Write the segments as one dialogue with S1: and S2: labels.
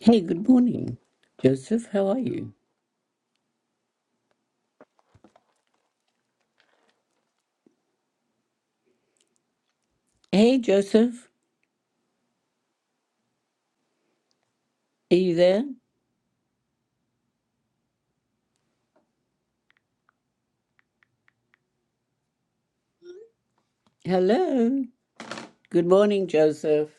S1: Hey, good morning, Joseph. How are you? Hey, Joseph, are you there? Hello. Good morning, Joseph.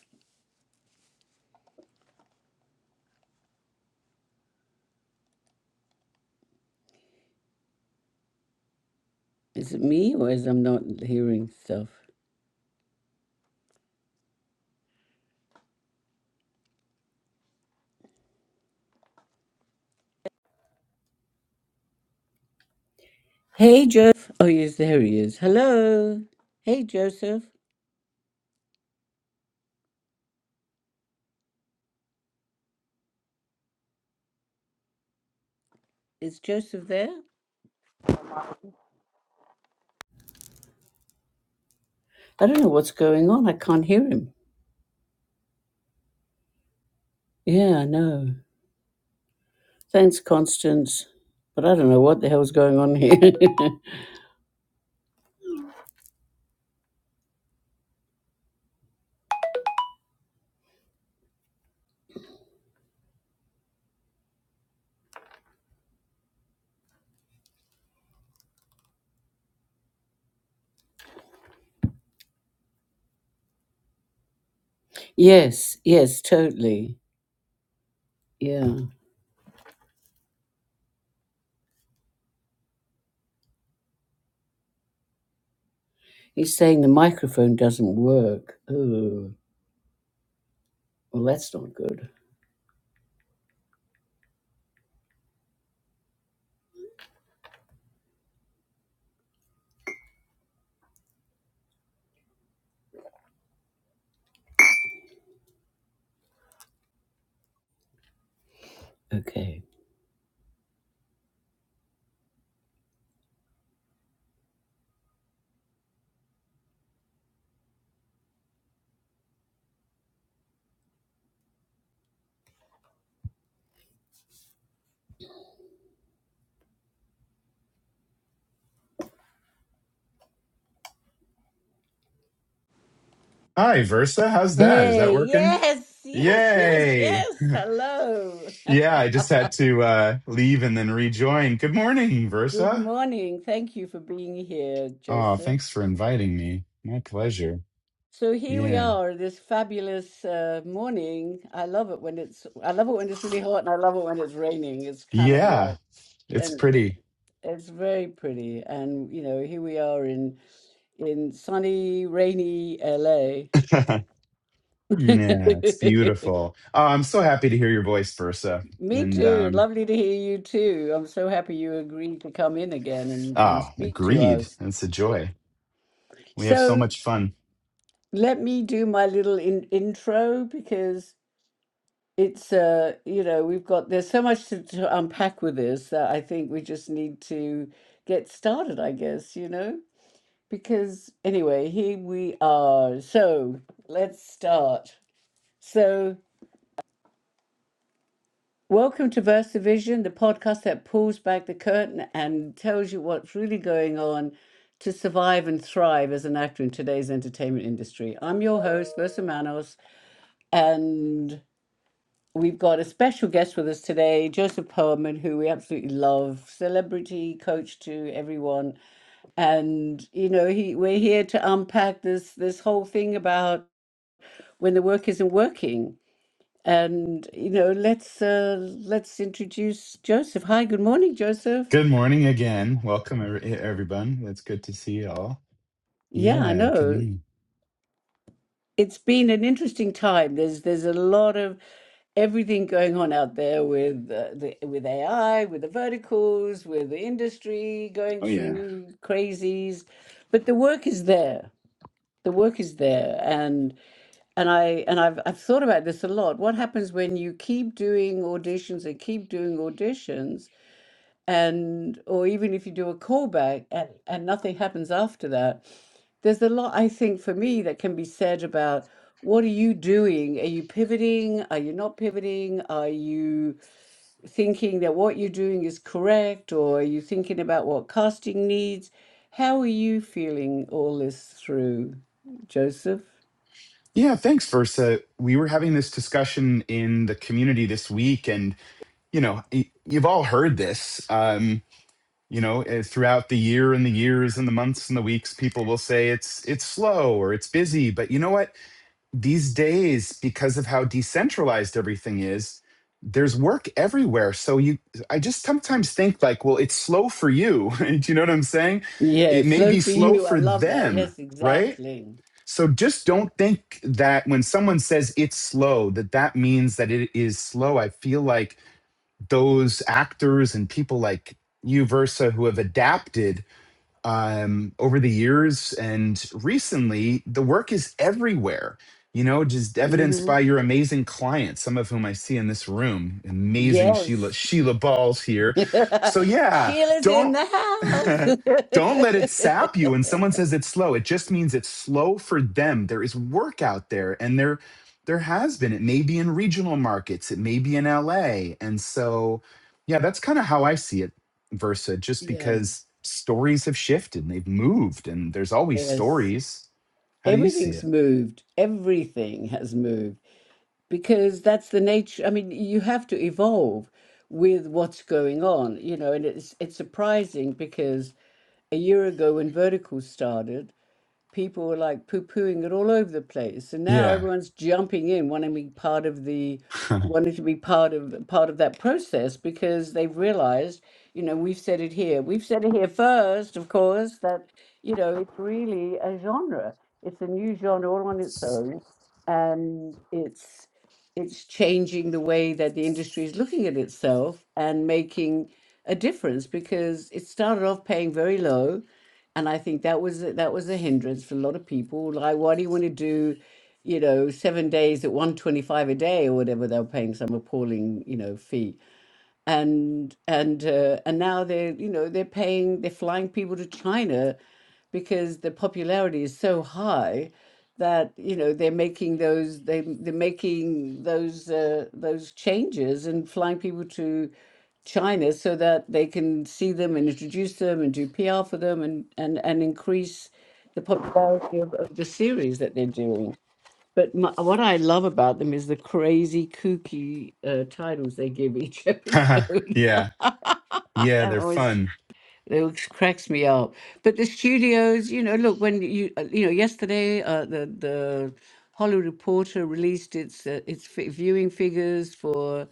S1: Is it me or is I'm not hearing stuff? Hey, Joseph. Oh, yes, there he is. Hello. Hey, Joseph. Is Joseph there? I don't know what's going on. I can't hear him. Yeah, I know. Thanks, Constance. But I don't know what the hell's going on here. yes, yes, totally. Yeah. He's saying the microphone doesn't work. Oh. Well, that's not good. Okay.
S2: Hi, Versa. How's that? Is that
S1: Hey,
S2: working?
S1: yes, yes, yes,
S2: Yay.
S1: yes. Hello.
S2: Yeah, I just had to uh, leave and then rejoin. Good morning,
S1: Good
S2: Versa.
S1: morning. Thank you for being here,
S2: Oh,
S1: Joseph.
S2: thanks for inviting me. My pleasure.
S1: So here we
S2: Yeah.
S1: are, this fabulous uh, morning. I love it when it's I love it when it's really hot and I love it when it's raining. It's kind of
S2: Yeah,
S1: like
S2: it's
S1: and
S2: pretty.
S1: it's very pretty. And you know, here we are in in sunny, rainy LA.
S2: yeah, it's beautiful. Oh, I'm so happy to hear your voice, Versa.
S1: Me
S2: And
S1: too.
S2: um,
S1: Lovely to hear you too. I'm so happy you agreed to come in again and, and
S2: oh,
S1: speak to
S2: agreed.
S1: us.
S2: It's a joy. We have so
S1: So
S2: much fun.
S1: let me do my little in, intro because it's uh you know we've got there's so much to, to unpack with this that I think we just need to get started, I guess, you know? Because anyway, here we are. So let's start. So. Welcome to VersaVision, the podcast that pulls back the curtain and tells you what's really going on to survive and thrive as an actor in today's entertainment industry. I'm your host, Versa Manos, and we've got a special guest with us today, Joseph Perlman, who we absolutely love, celebrity, coach to everyone. And, you know, he, we're here to unpack this this whole thing about when the work isn't working and you know, let's uh, let's introduce Joseph. Hi, good morning, Joseph.
S2: Good morning again. Welcome, every- everyone. That's good to see you all.
S1: Yeah, I
S2: Yeah, good
S1: know.
S2: morning.
S1: It's been an interesting time. There's there's a lot of everything going on out there with uh, the with AI, with the verticals, with the industry going
S2: Oh, yeah.
S1: through crazies, but the work is there. The work is there, and and I and I've I've thought about this a lot. What happens when you keep doing auditions and keep doing auditions? and or even if you do a callback and and nothing happens after that there's a lot i think for me that can be said about what are you doing are you pivoting are you not pivoting are you thinking that what you're doing is correct or are you thinking about what casting needs how are you feeling all this through joseph
S2: Yeah, thanks, Versa. We were having this discussion in the community this week, and you know, y- you've all heard this. Um, you know, eh, throughout the year and the years and the months and the weeks, people will say it's it's slow or it's busy. But you know what? These days, because of how decentralized everything is, there's work everywhere. So you, I just sometimes think like, well, it's slow for you. Do you know what I'm saying? It
S1: yes
S2: may
S1: so
S2: be
S1: for
S2: slow
S1: you i
S2: for
S1: love that
S2: them,
S1: yes
S2: right?
S1: exactly
S2: So just don't think that when someone says it's slow, that that means that it is slow. I feel like those actors and people like you, Versa, who have adapted um, over the years and recently the work is everywhere you know just evidenced
S1: hmm
S2: by your amazing clients some of whom i see in this room amazing sheila
S1: yes
S2: sheila balls here so yeah
S1: Sheila's in
S2: don't
S1: the
S2: don't let it
S1: house.
S2: sap you when someone says it's slow it just means it's slow for them there is work out there and there there has been it may be in regional markets it may be in la and so yeah that's kind of how i see it versa just
S1: yeah,
S2: because stories have shifted and they've moved and there's always
S1: yes.
S2: stories how do you see
S1: Everything's
S2: it
S1: moved. Everything has moved because that's the nature. I mean, you have to evolve with what's going on, you know, and it's it's surprising because a year ago when Vertical started, people were like poo pooing it all over the place. And now
S2: yeah
S1: everyone's jumping in, wanting to be part of the wanting to be part of part of that process because they've realized, you know, we've said it here. We've said it here first, of course, that, you know, it's really a genre. It's a new genre all on its own. And it's it's changing the way that the industry is looking at itself and making a difference because it started off paying very low and I think that was that was a hindrance for a lot of people. Like, why do you want to do, you know, seven days at 125 a day or whatever they're paying some appalling, you know, fee? and and uh, and now they're you know they're paying they're flying people to China because the popularity is so high that you know they're making those they they're making those uh, those changes and flying people to China so that they can see them and introduce them and do PR for them and and and increase the popularity of, of the series that they're doing. But my, what I love about them is the crazy, kooky uh, titles they give each episode.
S2: yeah yeah
S1: that
S2: they're
S1: always
S2: fun
S1: it always cracks me up. But the studios, you know, look when you uh, you know yesterday uh, the the Hollywood Reporter released its uh, its fi- viewing figures for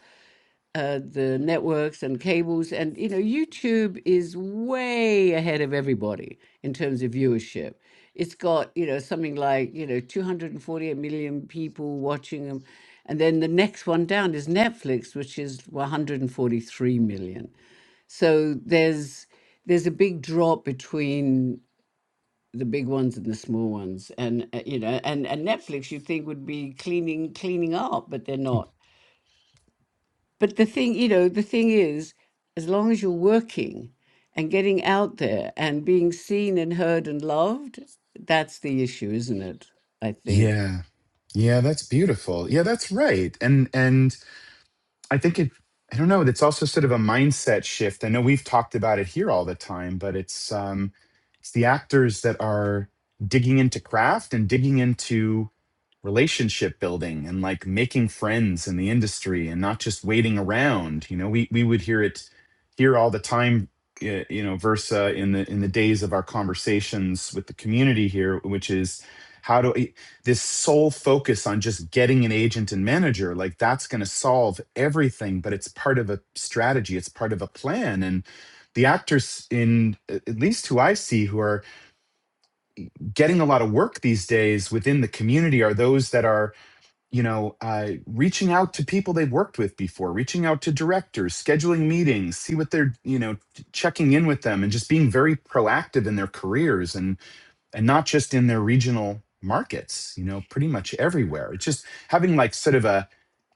S1: uh, the networks and cables. And, you know, YouTube is way ahead of everybody in terms of viewership. It's got, you know, something like, you know, 248 million people watching them. And then the next one down is Netflix, which is 143 million. So there's there's a big drop between the big ones and the small ones and uh, you know and, and netflix you'd think would be cleaning cleaning up but they're not but the thing, you know, the thing is, as long as you're working and getting out there and being seen and heard and loved, that's the issue, isn't it? I think.
S2: yeah yeah that's beautiful yeah that's right and and I think it, I don't know, it's also sort of a mindset shift. I know we've talked about it here all the time, but it's um it's the actors that are digging into craft and digging into relationship building and like making friends in the industry and not just waiting around. You know, we we would hear it here all the time y- you know versa in the in the days of our conversations with the community here which is how do this sole focus on just getting an agent and manager like that's going to solve everything but it's part of a strategy it's part of a plan and the actors in at least who i see who are getting a lot of work these days within the community are those that are you know uh, reaching out to people they've worked with before reaching out to directors scheduling meetings see what they're you know checking in with them and just being very proactive in their careers and and not just in their regional markets you know pretty much everywhere it's just having like sort of a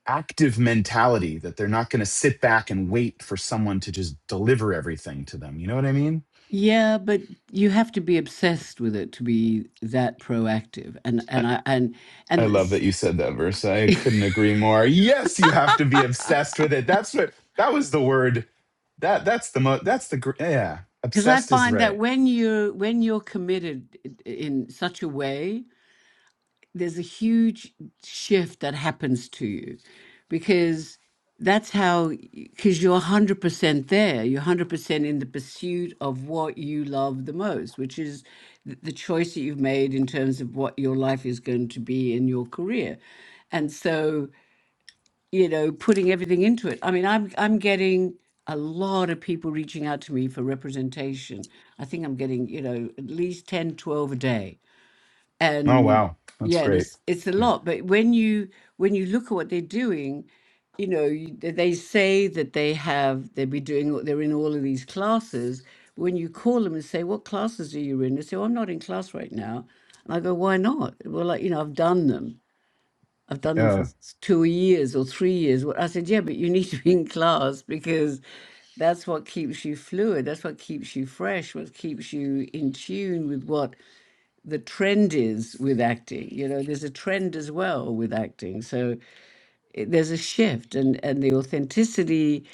S2: active mentality that they're not going to sit back and wait for someone to just deliver everything to them you know what i mean
S1: Yeah, but you have to be obsessed with it to be that proactive. And and I and
S2: i
S1: and
S2: love that you said that verse i couldn't agree more yes you have to be obsessed with it that's what that was the word that that's the mo that's the gr- yeah
S1: because I
S2: obsessed is
S1: find that
S2: right
S1: when you are when you're committed i- in such a way, there's a huge shift that happens to you because that's how because you're 100% there you're 100% in the pursuit of what you love the most which is th- the choice that you've made in terms of what your life is going to be in your career and so you know putting everything into it i mean i'm i'm getting a lot of people reaching out to me for representation i think i'm getting you know at least 10 12 a day
S2: oh
S1: and
S2: wow that's
S1: yeah and
S2: great
S1: it's it's a
S2: yeah
S1: lot but when you when you look at what they're doing you know you, they they say that they have they'll be doing all- they're in all of these classes when you call them and say what classes are you in they say oh, i'm not in class right now and i go why not well like you know i've done them i've done them for
S2: yeah
S1: s- two years or three years Well, i said yeah but you need to be in class because that's what keeps you fluid that's what keeps you fresh what keeps you in tune with what the trend is with acting. You know, there's a trend as well with acting. So it, there's a shift, and and the authenticity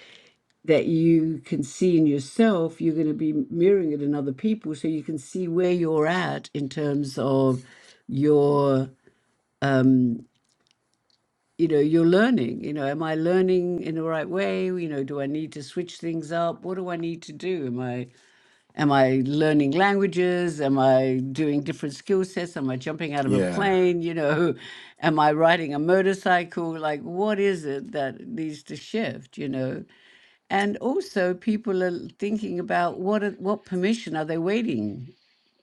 S1: that you can see in yourself, you're going to be mirroring it in other people, so you can see where you're at in terms of your um you know your learning you know am i learning in the right way you know do i need to switch things up what do i need to do am i Am I learning languages? Am I doing different skill sets? Am I jumping out of a
S2: yeah
S1: plane? You know, am I riding a motorcycle? Like, what is it that needs to shift? You know, and also people are thinking about what are, what permission are they waiting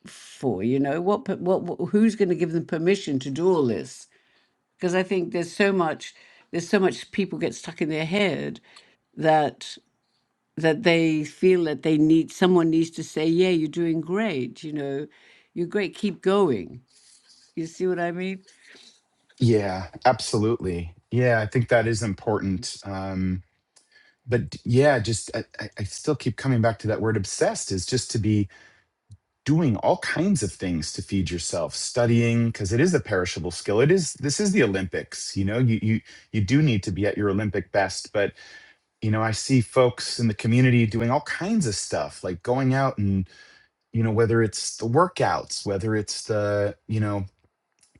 S1: for? You know, what per- what, what who's going to give them permission to do all this? Because I think there's so much there's so much people get stuck in their head that that they feel that they need someone needs to say, "Yeah, you're doing great. You know, you're great. Keep going." You see what I mean?
S2: yeah absolutely yeah i think that is important um but yeah, just I, I I still keep coming back to that word obsessed is just to be doing all kinds of things to feed yourself, studying, because it is a perishable skill. It is this is the Olympics, you know, you you you do need to be at your Olympic best, but you know, I see folks in the community doing all kinds of stuff, like going out and, you know, whether it's the workouts, whether it's the, you know,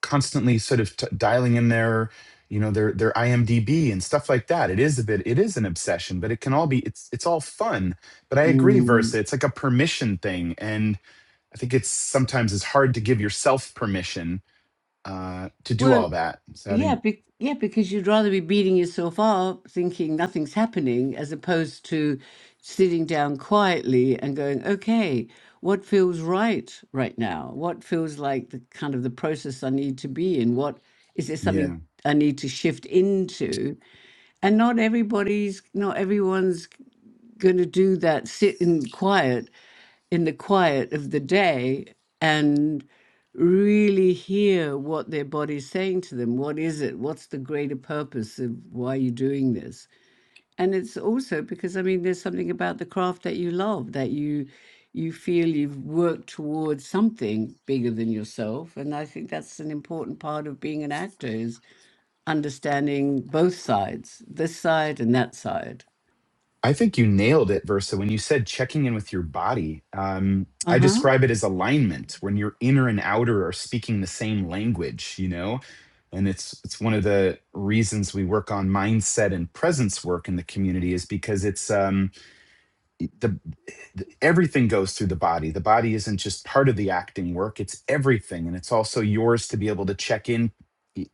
S2: constantly sort of t- dialing in their you know their their IMDb and stuff like that. It is a bit it is an obsession, but it can all be it's it's all fun. But I agree,
S1: Mm.
S2: Versa. It's like a permission thing, and I think it's sometimes it's hard to give yourself permission uh, to do
S1: Well,
S2: all that. So
S1: yeah,
S2: having
S1: be yeah, because you'd rather be beating yourself up, thinking nothing's happening, as opposed to sitting down quietly and going, "Okay, what feels right right now? What feels like the kind of the process I need to be in? What is there
S2: yeah
S1: something I need to shift into?" And not everybody's, not everyone's going to do that sit in quiet in the quiet of the day and really hear what their body's saying to them what is it what's the greater purpose of why you're doing this and it's also because i mean there's something about the craft that you love that you you feel you've worked towards something bigger than yourself and i think that's an important part of being an actor is understanding both sides this side and that side
S2: I think you nailed it, Versa, when you said checking in with your body. Um, I
S1: uh-huh
S2: describe it as alignment when your inner and outer are speaking the same language, you know? And it's it's one of the reasons we work on mindset and presence work in the community is because it's um, the, the everything goes through the body. The body isn't just part of the acting work; it's everything, and it's also yours to be able to check in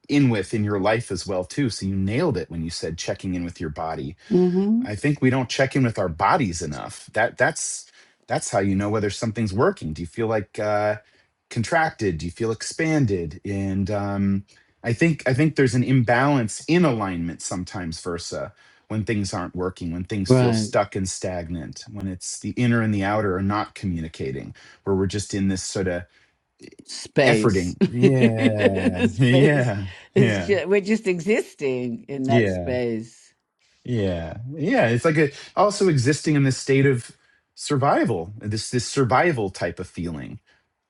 S2: in with in your life as well too. So you nailed it when you said checking in with your body
S1: mm-hmm
S2: I think we don't check in with our bodies enough. That that's that's how you know whether something's working. Do you feel like uh, contracted? Do you feel expanded? And um, I think I think there's an imbalance in alignment sometimes versa when things aren't working, when things feel
S1: right
S2: stuck and stagnant, when it's the inner and the outer are not communicating, where we're just in this sort of
S1: space.
S2: efforting. Yeah,
S1: space.
S2: yeah,
S1: It's
S2: yeah,
S1: just, we're just existing in that
S2: yeah.
S1: space.
S2: Yeah. Yeah. It's like a also existing in this state of survival, this this survival type of feeling.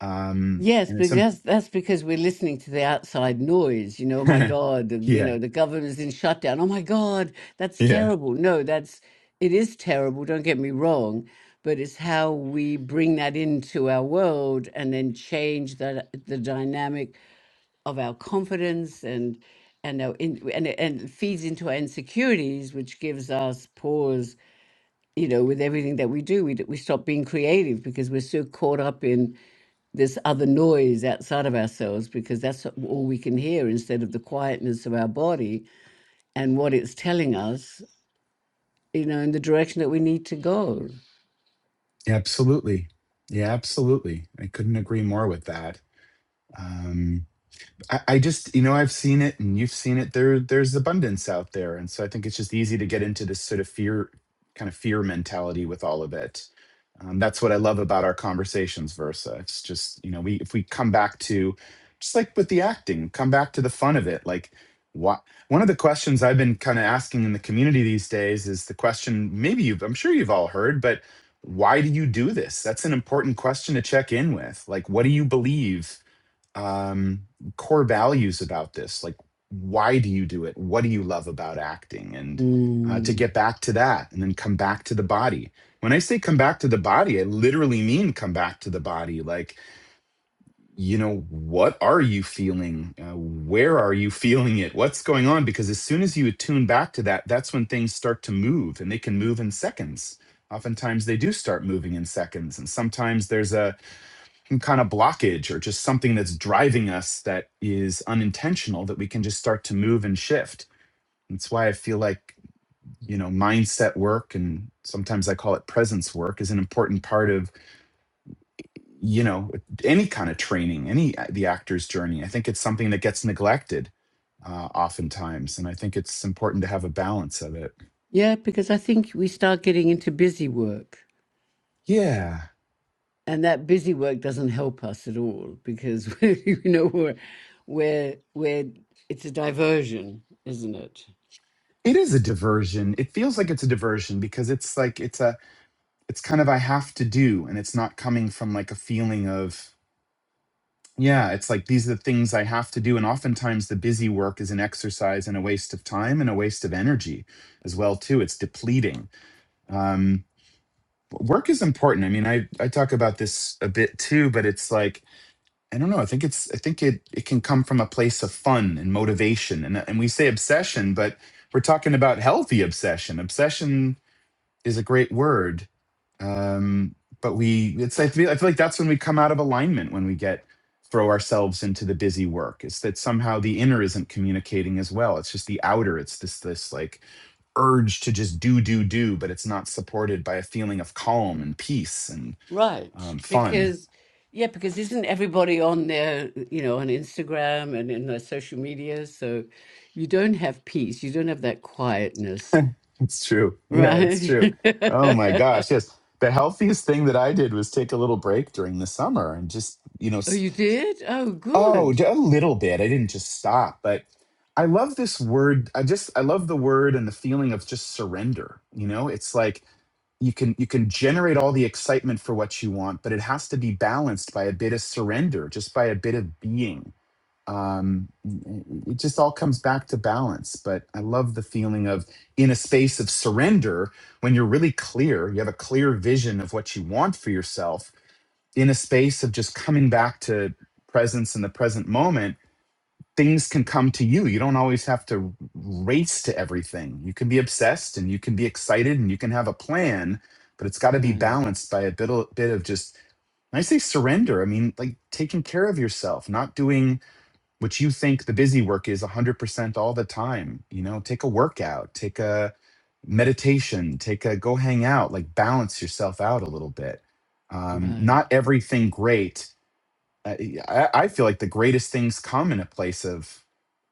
S2: Um
S1: Yes,
S2: and it's
S1: because
S2: um,
S1: that's, that's because we're listening to the outside noise. You know, oh my God, the- you
S2: yeah.
S1: know, the governor's in shutdown. Oh my God, that's
S2: Yeah.
S1: terrible. No, that's it is terrible. Don't get me wrong, but it's how we bring that into our world and then change that the dynamic of our confidence and and our in, and it- and it feeds into our insecurities, which gives us pause. You know, with everything that we do, we d- we stop being creative because we're so caught up in this other noise outside of ourselves because that's a- all we can hear instead of the quietness of our body and what it's telling us. You know, in the direction that we need to go.
S2: Absolutely. Yeah, absolutely. I couldn't agree more with that. Um I, I just, you know, I've seen it and you've seen it. There, there's abundance out there. And so I think it's just easy to get into this sort of fear, kind of fear mentality with all of it. Um, that's what I love about our conversations, Versa. It's just, you know, we, if we come back to, just like with the acting, come back to the fun of it. Like, what, one of the questions I've been kind of asking in the community these days is the question, maybe you've, I'm sure you've all heard, but why do you do this? That's an important question to check in with. Like, what do you believe? um, core values about this. Like, why do you do it? What do you love about acting? And uh, to
S1: Mm.
S2: get back to that and then come back to the body. When I say come back to the body, I literally mean come back to the body. Like, you know, what are you feeling? Uh, where are you feeling it? What's going on? Because as soon as you attune back to that, that's when things start to move and they can move in seconds. Oftentimes they do start moving in seconds. And sometimes there's a, kind of blockage or just something that's driving us that is unintentional that we can just start to move and shift. That's why I feel like, you know, mindset work and sometimes I call it presence work is an important part of, you know, any kind of training, any uh, the actor's journey. I think it's something that gets neglected uh, oftentimes. And I think it's important to have a balance of it.
S1: Yeah, because I think we start getting into busy work
S2: Yeah.
S1: and that busy work doesn't help us at all because you know we're we're we're it's a diversion isn't it
S2: It is a diversion. It feels like it's a diversion because it's like it's a it's kind of I have to do, and it's not coming from like a feeling of, yeah, it's like these are the things I have to do. And oftentimes the busy work is an exercise and a waste of time and a waste of energy as well, too. It's depleting. Um, work is important. I mean, I, I talk about this a bit too, but it's like, I don't know. I think it's I think it it can come from a place of fun and motivation. And and we say obsession, but we're talking about healthy obsession. Obsession is a great word. Um, but we, it's, I feel, I feel like that's when we come out of alignment, when we get, throw ourselves into the busy work. It's that somehow the inner isn't communicating as well. It's just the outer. It's this, this like urge to just do, do, do, but it's not supported by a feeling of calm and peace and
S1: right
S2: um, fun.
S1: because yeah because isn't everybody on their you know on instagram and in their social media so you don't have peace you don't have that quietness
S2: It's true. Yeah, it's
S1: right
S2: true. Oh my gosh.
S1: oh
S2: Yes. The healthiest thing that I did was take a little break during the summer and just, you know,
S1: you did oh
S2: Oh,
S1: good
S2: d- a little bit. I didn't just stop, but I love this word. I just I love the word and the feeling of just surrender. You know, it's like you can you can generate all the excitement for what you want, but it has to be balanced by a bit of surrender, just by a bit of being. Um, it it just all comes back to balance. But I love the feeling of in a space of surrender when you're really clear, you have a clear vision of what you want for yourself in a space of just coming back to presence in the present moment, things can come to you. You don't always have to race to everything. You can be obsessed and you can be excited and you can have a plan, but it's got to be
S1: right
S2: balanced by a bit of, bit of just, when I say surrender, I mean like taking care of yourself, not doing what you think the busy work is 100% all the time. You know, take a workout, take a meditation, take a go hang out, like balance yourself out a little bit. Um, not
S1: right
S2: everything great I, e, I I feel like the greatest things come in a place of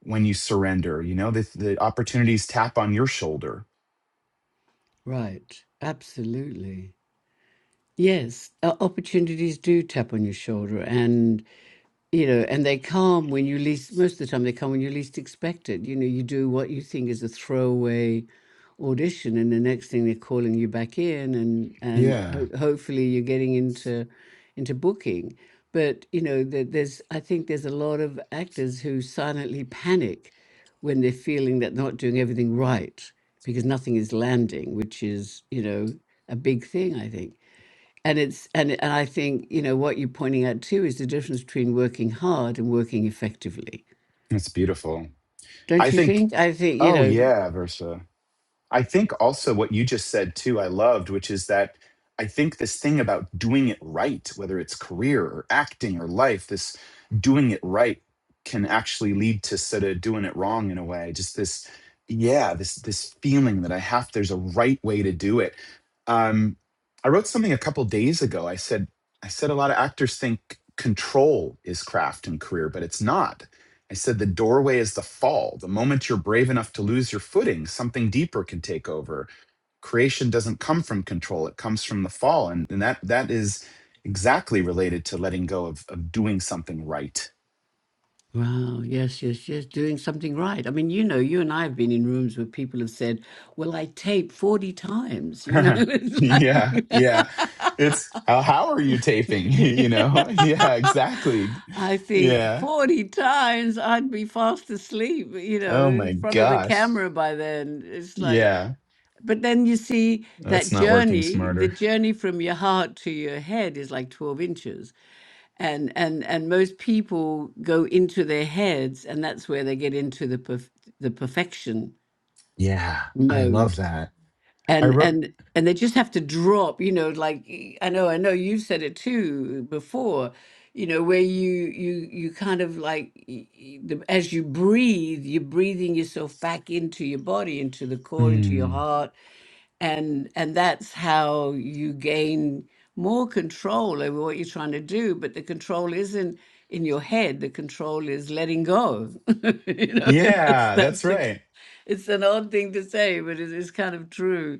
S2: when you surrender, you know, the, the opportunities tap on your shoulder.
S1: right absolutely Yes, uh, opportunities do tap on your shoulder, and you know, and they come when you least. Most of the time, they come when you least expect it. You know, you do what you think is a throwaway audition, and the next thing they're calling you back in, and and
S2: Yeah.
S1: ho- hopefully you're getting into into booking. But you know, there, there's I think there's a lot of actors who silently panic when they're feeling that they're not doing everything right because nothing is landing, which is you know a big thing I think. And it's and and I think you know what you're pointing out too is the difference between working hard and working effectively,
S2: That's beautiful.
S1: don't
S2: I
S1: you
S2: think,
S1: think? I think you
S2: oh,
S1: know.
S2: yeah, Versa. I think also what you just said too, I loved, which is that I think this thing about doing it right, whether it's career or acting or life, this doing it right can actually lead to sort of doing it wrong in a way. Just this, yeah, this this feeling that I have there's a right way to do it. Um, I wrote something a couple days ago. I said I said a lot of actors think control is craft and career, but it's not I said, the doorway is the fall. The moment you're brave enough to lose your footing, something deeper can take over. Creation doesn't come from control, it comes from the fall. And, and that that is exactly related to letting go of, of doing something right.
S1: Wow, yes, yes, yes, doing something right. I mean, you know, you and I have been in rooms where people have said, "Well, I tape forty times," you know. It's
S2: yeah, yeah.
S1: like,
S2: It's how how are you taping? you know? Yeah, exactly.
S1: I think
S2: Yeah.
S1: forty times I'd be fast asleep, you know,
S2: Oh
S1: in
S2: my
S1: front of the
S2: gosh.
S1: camera by then. It's like
S2: Yeah.
S1: But then you see
S2: That's
S1: that
S2: not working
S1: journey, the
S2: smarter.
S1: journey from your heart to your head is like 12 inches. And and and most people go into their heads and that's where they get into the perf- the perfection
S2: Yeah. I love
S1: mode.
S2: that. I
S1: And
S2: wrote
S1: and and they just have to drop, you know, like y- I know I know you've said it too before, you know, where you you you kind of like y- y- the, as you breathe, you're breathing yourself back into your body, into the core, into your
S2: Hmm.
S1: heart and and that's how you gain more control over what you're trying to do but the control isn't in your head the control is letting go you know and that's
S2: Yeah,
S1: that's
S2: that's
S1: the
S2: right.
S1: it's an odd thing to say but it is kind of true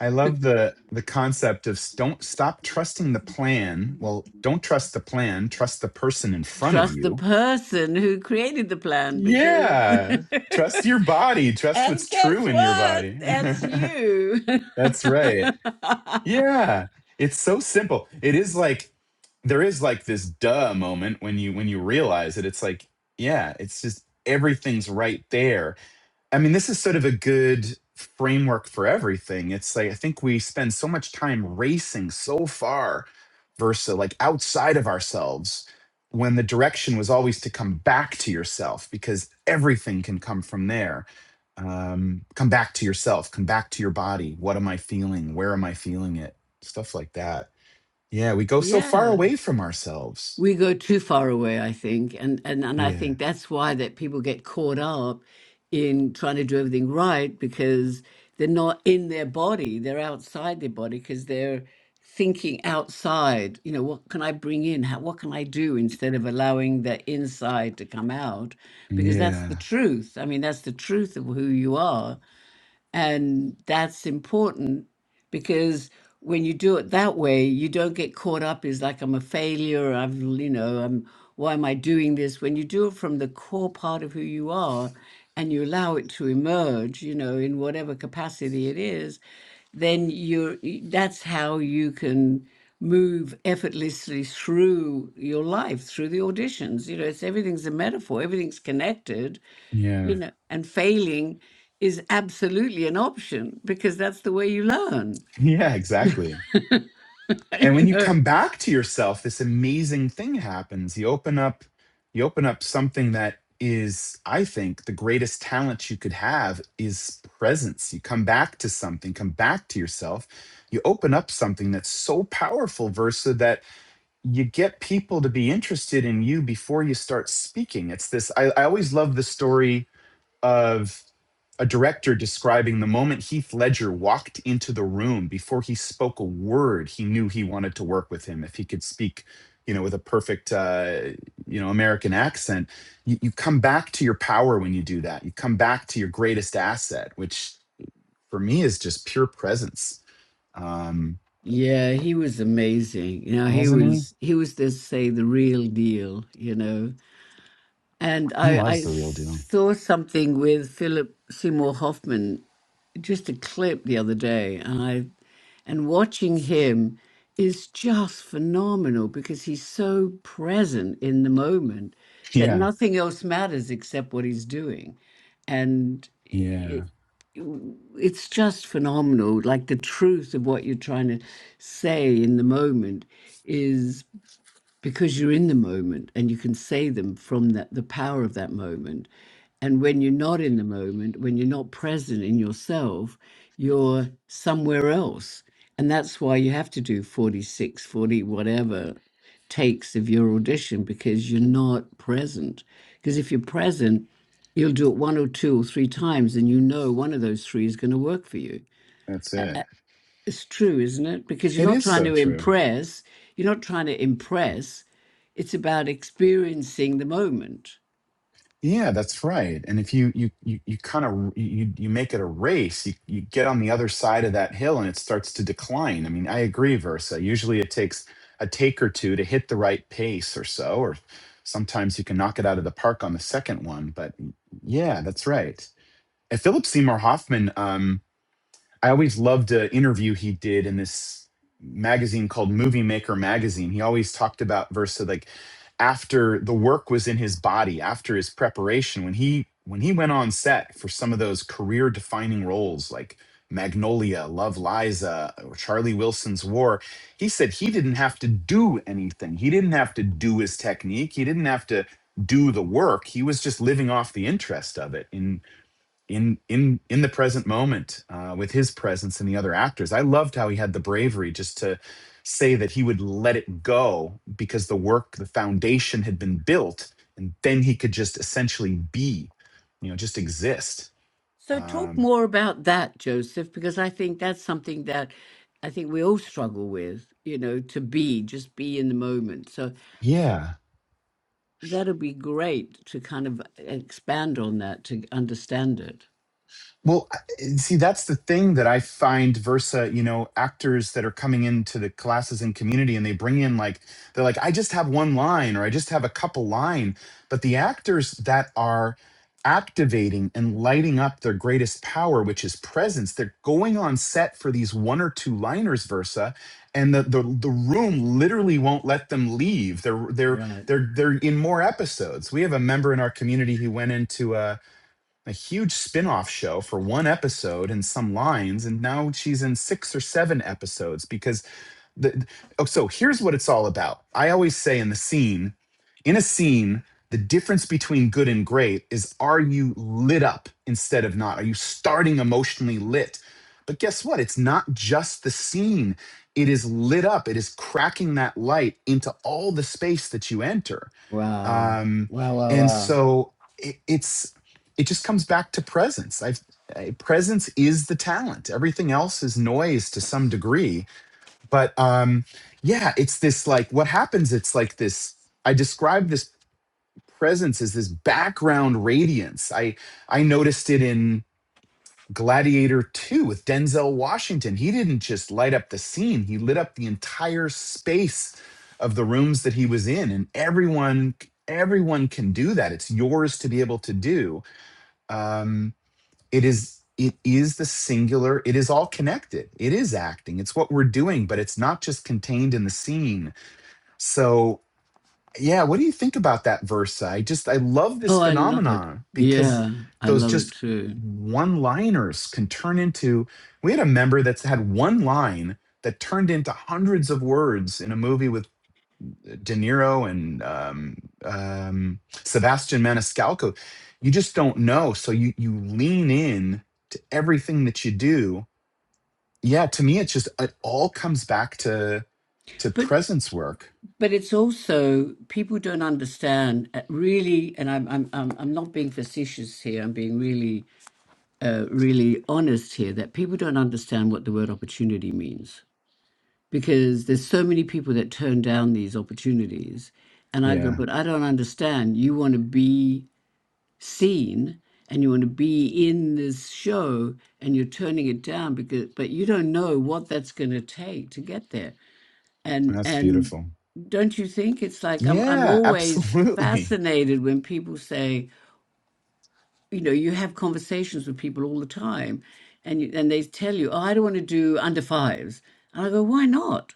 S2: I love the the concept of s- don't stop trusting the plan. Well, don't trust the plan, trust the person in front of
S1: trust the
S2: you.
S1: person who created the plan because
S2: Yeah. Trust your body, trust
S1: and
S2: what's
S1: guess
S2: true in your
S1: what
S2: body.
S1: that's you
S2: That's right. Yeah. It's so simple. It is like there is like this duh moment when you when you realize it. It's like, yeah, it's just everything's right there I mean, this is sort of a good framework for everything. It's like I think we spend so much time racing so far versus like outside of ourselves when the direction was always to come back to yourself because everything can come from there. Um, come back to yourself, come back to your body. What am I feeling? Where am I feeling it? Stuff like that. Yeah, we go so far
S1: yeah
S2: away from ourselves.
S1: we go too far away i think and and, and i
S2: Yeah.
S1: think that's why that people get caught up in trying to do everything right because they're not in their body they're outside their body because they're thinking outside you know what can i bring in How, what can i do instead of allowing the inside to come out because that's the
S2: Yeah.
S1: truth i mean that's the truth of who you are and that's important because when you do it that way, you don't get caught up as like I'm a failure, I've you know, I'm why am I doing this? When you do it from the core part of who you are and you allow it to emerge, you know, in whatever capacity it is, then you're y- that's how you can move effortlessly through your life, through the auditions. You know, it's everything's a metaphor, everything's connected
S2: Yeah.
S1: you know, and failing is absolutely an option because that's the way you learn.
S2: Yeah, exactly. and
S1: you
S2: when you
S1: know.
S2: come back to yourself this amazing thing happens you open up you open up something that is i think the greatest talent you could have is presence you come back to something come back to yourself you open up something that's so powerful versa that you get people to be interested in you before you start speaking it's this i, I always love the story of a director describing the moment Heath Ledger walked into the room before he spoke a word, he knew he wanted to work with him. If he could speak, you know, with a perfect, uh, you know, American accent, you, you come back to your power when you do that. You come back to your greatest asset, which for me is just pure presence. Um,
S1: Yeah, he was amazing. You know, he
S2: wasn't he?
S1: was he was to say the real deal. You know, And
S2: He
S1: I,
S2: was
S1: I
S2: the real deal.
S1: saw something with Philip Seymour Hoffman, just a clip the other day, and I and watching him is just phenomenal because he's so present in the moment that
S2: Yeah.
S1: nothing else matters except what he's doing. And
S2: Yeah.
S1: it, it's just phenomenal. Like the truth of what you're trying to say in the moment is because you're in the moment and you can say them from that the power of that moment and when you're not in the moment when you're not present in yourself you're somewhere else and that's why you have to do 46, 40, whatever takes of your audition because you're not present because if you're present you'll do it one or two or three times and you know one of those three is going to work for you
S2: That's it.
S1: it's true, isn't it? Because you're
S2: It
S1: not
S2: is
S1: trying
S2: so
S1: to
S2: true.
S1: impress. You're not trying to impress. It's about experiencing the moment.
S2: Yeah, that's right. And if you you you, you kind of you you make it a race, you, you get on the other side of that hill and it starts to decline. I mean, I agree, Versa. Usually it takes a take or two to hit the right pace or so, or sometimes you can knock it out of the park on the second one. But yeah, that's right. And Philip Seymour Hoffman, um, I always loved an interview he did in this magazine called Movie Maker Magazine. He always talked about Versa like after the work was in his body, after his preparation, when he when he went on set for some of those career defining roles like Magnolia, Love Liza, or Charlie Wilson's War, he said he didn't have to do anything. He didn't have to do his technique. He didn't have to do the work. He was just living off the interest of it. And in in in the present moment uh, with his presence and the other actors. I loved how he had the bravery just to say that he would let it go because the work, the foundation had been built, and then he could just essentially be, you know, just exist.
S1: So, talk
S2: Um,
S1: more about that, Joseph, because I think that's something that I think we all struggle with, you know, to be, just be in the moment. So,
S2: yeah,
S1: that'll be great to kind of expand on that to understand it.
S2: Well, see, that's the thing that I find Versa, you know, actors that are coming into the classes and community and they bring in like, they're like, I just have one line or I just have a couple line. But the actors that are activating and lighting up their greatest power, which is presence, they're going on set for these one or two liners Versa. And the, the the room literally won't let them leave. They're they're
S1: Right.
S2: they're they're in more episodes. We have a member in our community who went into a a huge spin-off show for one episode and some lines and now she's in six or seven episodes because the oh so here's what it's all about i always say in the scene in a scene the difference between good and great is are you lit up instead of not are you starting emotionally lit but guess what it's not just the scene it is lit up it is cracking that light into all the space that you enter
S1: Wow.
S2: um,
S1: Wow, wow,
S2: and
S1: wow.
S2: so it, it's it just comes back to presence i've uh, presence is the talent everything else is noise to some degree but um yeah it's this like what happens it's like this i describe this presence as this background radiance i i noticed it in Gladiator 2 with Denzel Washington. He didn't just light up the scene, he lit up the entire space of the rooms that he was in. And everyone, everyone can do that. It's yours to be able to do. Um, it is it is the singular it is all connected it is acting it's what we're doing but it's not just contained in the scene so yeah, what do you think about that verse? I just I love this
S1: Oh, I love it.
S2: phenomenon because
S1: Yeah, I
S2: those
S1: love it
S2: just
S1: too.
S2: one-liners can turn into we had a member that's had one line that turned into hundreds of words in a movie with De Niro and um, um, Sebastian Maniscalco. You just don't know, so you you lean in to everything that you do. Yeah, to me, it's just it all comes back to to
S1: But.
S2: presence work.
S1: But it's also people don't understand uh, really, and I'm I'm I'm I'm not being facetious here. I'm being really uh, really honest here that people don't understand what the word opportunity means because there's so many people that turn down these opportunities, and I go,
S2: Yeah,
S1: but I don't understand. You want to be seen and you want to be in this show and you're turning it down because but you don't know what that's going to take to get there and
S2: that's
S1: and
S2: beautiful.
S1: don't you think it's like I'm I'm
S2: Yeah,
S1: always
S2: absolutely.
S1: fascinated when people say, you know, you have conversations with people all the time and you, and they tell you, "Oh, I don't want to do under fives." And I go, "Why not?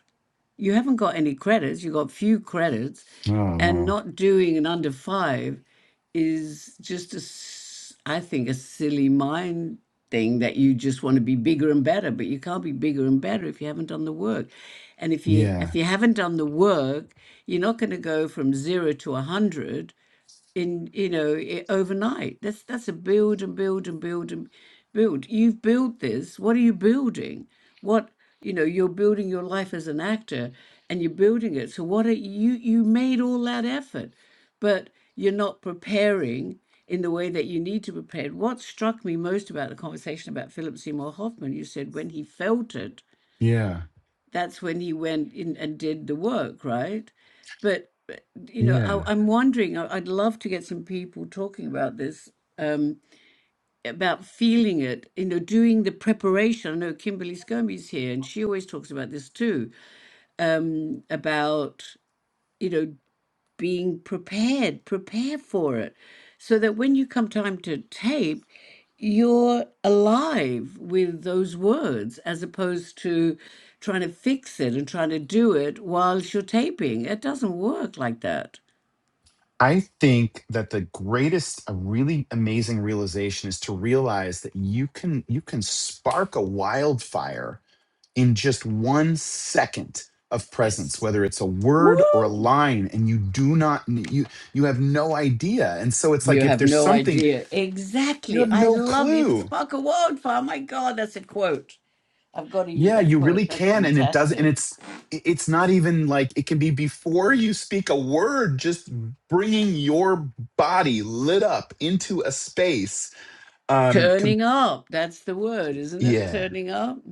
S1: You haven't got any credits. You've got few credits
S2: Oh,
S1: and
S2: wow.
S1: not doing an under five is just a s- I think a silly mind thing that you just want to be bigger and better but you can't be bigger and better if you haven't done the work and if you
S2: Yeah,
S1: if you haven't done the work you're not going to go from zero to a hundred in you know i overnight that's that's a build and build and build and build you've built this what are you building what you know you're building your life as an actor and you're building it so what are you you made all that effort but you're not preparing in the way that you need to prepare what struck me most about the conversation about philip seymour hoffman you said when he felt it
S2: yeah,
S1: that's when he went in and did the work, right? But but, you know,
S2: yeah.
S1: I, I'm wondering. I, I'd love to get some people talking about this, um, about feeling it. You know, doing the preparation. I know Kimberly Skirmy's here, and she always talks about this too. Um, about you know, being prepared, prepare for it, so that when you come time to tape, you're alive with those words as opposed to trying to fix it and trying to do it whilst you're taping. It doesn't work like that.
S2: I think that the greatest, a really amazing realization is to realize that you can you can spark a wildfire in just one second of presence,
S1: Yes.
S2: whether it's a word or a
S1: Woo!
S2: line, and you do not you you have no idea. And so it's like
S1: You
S2: if
S1: have
S2: there's
S1: no
S2: something
S1: idea.
S2: you
S1: Exactly.
S2: have
S1: I
S2: no
S1: love you can
S2: clue
S1: spark a wildfire. My God, that's a quote. I've got to use
S2: Yeah,
S1: that
S2: you really
S1: quote. That's
S2: can, and it does, and
S1: fantastic.
S2: it's i- it's not even like it can be before you speak a word, just bringing your body lit up into a space. Um, com-
S1: Turning up. That's the word, isn't it?
S2: yeah.
S1: Turning up.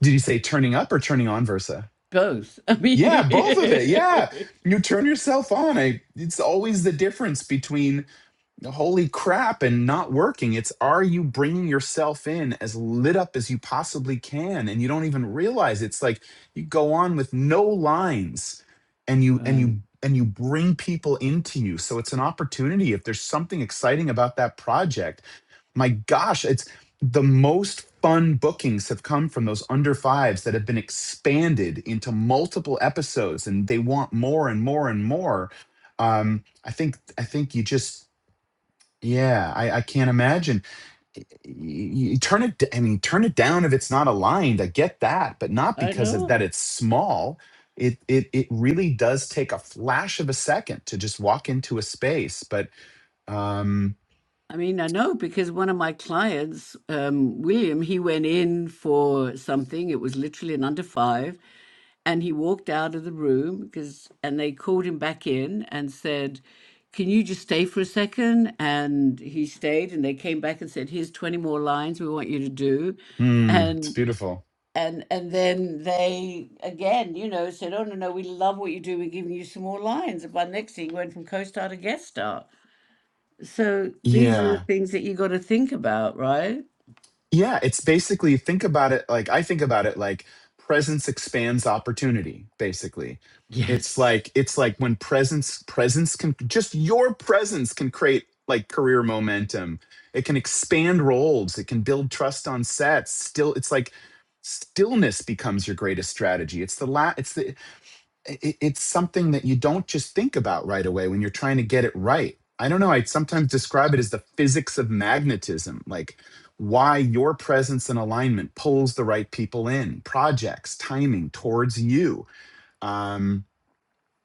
S2: Did you say turning up or turning on, Versa?
S1: both. I mean,
S2: Yeah, both of it. Yeah, you turn yourself on. I, it's always the difference between holy crap and not working it's are you bringing yourself in as lit up as you possibly can and you don't even realize it's like you go on with no lines and you and
S1: right.
S2: you and you bring people into you so it's an opportunity if there's something exciting about that project my gosh it's the most fun bookings have come from those under fives that have been expanded into multiple episodes and they want more and more and more um, I think I think you just yeah, I, I can't imagine. Y- y- You turn it, d- I mean, turn it down if it's not aligned. I get that, but not
S1: I
S2: because of that
S1: know.
S2: it's small. It it it really does take a flash of a second to just walk into a space. But um,
S1: I mean, I know because one of my clients, um, William, he went in for something. It was literally an under five, and he walked out of the room because, and they called him back in and said, "Can you just stay for a second?" And he stayed, and they came back and said, "Here's 20 more lines we want you to do,"
S2: hmm, it's beautiful.
S1: and and then they again, you know, said, "Oh no, no, we love what you do. We're giving you some more lines." And by the next thing, you went from co-star to guest star. So these
S2: Yeah,
S1: are the things that you got to think about, right?
S2: Yeah, it's basically think about it like I think about it like presence expands opportunity, basically. It's
S1: Yes,
S2: like it's like when presence presence can just your presence can create like career momentum. It can expand roles, it can build trust on sets. Still it's like stillness becomes your greatest strategy. It's the la it's the it, it's something that you don't just think about right away when you're trying to get it right. I don't know. I sometimes describe it as the physics of magnetism, like why your presence and alignment pulls the right people in, projects, timing towards you. Um,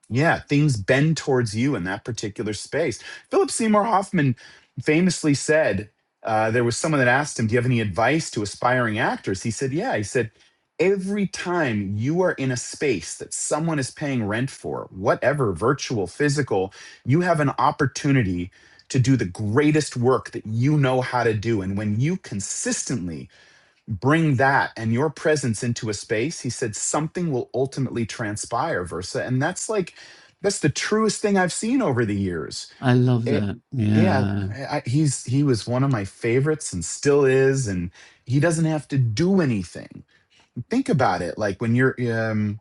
S2: yeah, things bend towards you in that particular space. Philip Seymour Hoffman famously said, uh, there was someone that asked him, Do you have any advice to aspiring actors? He said, Yeah. He said, Every time you are in a space that someone is paying rent for, whatever, virtual, physical, you have an opportunity to do the greatest work that you know how to do. And when you consistently bring that and your presence into a space he said something will ultimately transpire versa and that's like that's the truest thing i've seen over the years
S1: I love
S2: it
S1: that.
S2: yeah
S1: Yeah,
S2: I, I- he's he was one of my favorites and still is and he doesn't have to do anything think about it like when you're um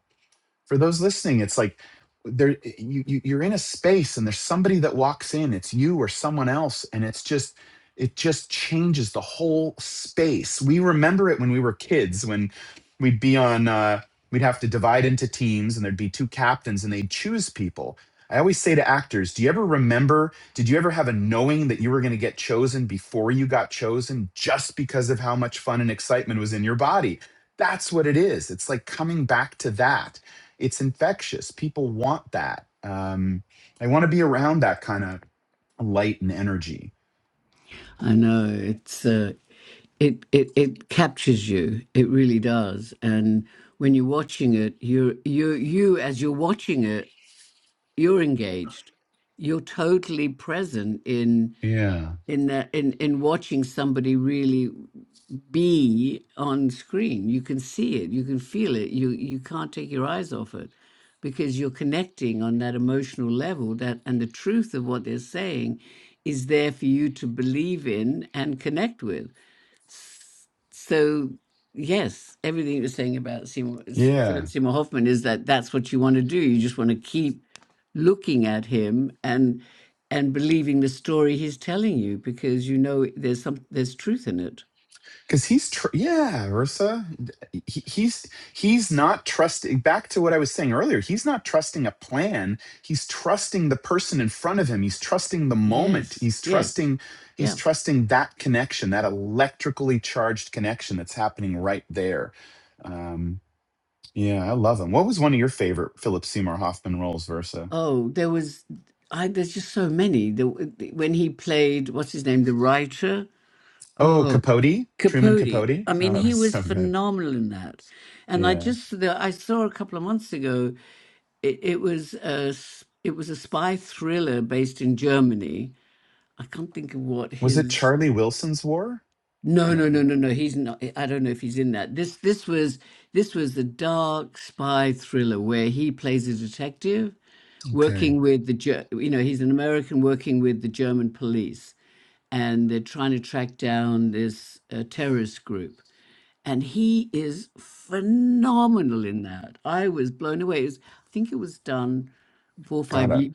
S2: for those listening it's like there you, you you're in a space and there's somebody that walks in it's you or someone else and it's just it just changes the whole space we remember it when we were kids when we'd be on uh we'd have to divide into teams and there'd be two captains and they'd choose people i always say to actors do you ever remember did you ever have a knowing that you were going to get chosen before you got chosen just because of how much fun and excitement was in your body that's what it is it's like coming back to that it's infectious. People want that. Um, they want to be around that kind of light and energy.
S1: I know it's uh, it it it captures you. It really does. And when you're watching it, you you you as you're watching it, you're engaged. You're totally present in.
S2: Yeah.
S1: in uh, in in watching somebody really be on screen you can see it you can feel it you you can't take your eyes off it because you're connecting on that emotional level that and the truth of what they're saying is there for you to believe in and connect with S- So yes, everything you're saying about Seymour, S-
S2: Yeah.
S1: Philip Seymour Hoffman is that that's what you want to do. You just want to keep looking at him and and believing the story he's telling you because you know there's some there's truth in it.
S2: Cause he's, tr- yeah, Ursa, d- he, he's, he's not trusting back to what I was saying earlier. He's not trusting a plan. He's trusting the person in front of him. He's trusting the moment.
S1: Yes,
S2: He's
S1: yes,
S2: trusting, he's
S1: yeah.
S2: trusting that connection, that electrically charged connection that's happening right there. Um, Yeah, I love him. What was one of your favorite Philip Seymour Hoffman roles, Versa?
S1: Oh, there was. I there's just so many. The when he played what's his name, the writer.
S2: Oh,
S1: Oh,
S2: Capote, Truman
S1: Capote.
S2: Capote.
S1: I
S2: Oh,
S1: mean,
S2: that
S1: he
S2: was
S1: was
S2: so good.
S1: phenomenal in that. And I
S2: Yeah.
S1: just the, I saw a couple of months ago. It, it was a s- it was a spy thriller based in Germany. I can't think of what
S2: Was it
S1: his.
S2: Charlie Wilson's War?
S1: No, no,
S2: No.
S1: no, no, no. He's not. I don't know if he's in that. This this was this was the dark spy thriller where he plays a detective
S2: Okay.
S1: working with the Ger- you know he's an American working with the German police and they're trying to track down this uh, terrorist group and he is phenomenal in that. I was blown away. It was- I think it was done four or
S2: Got
S1: five
S2: it.
S1: years.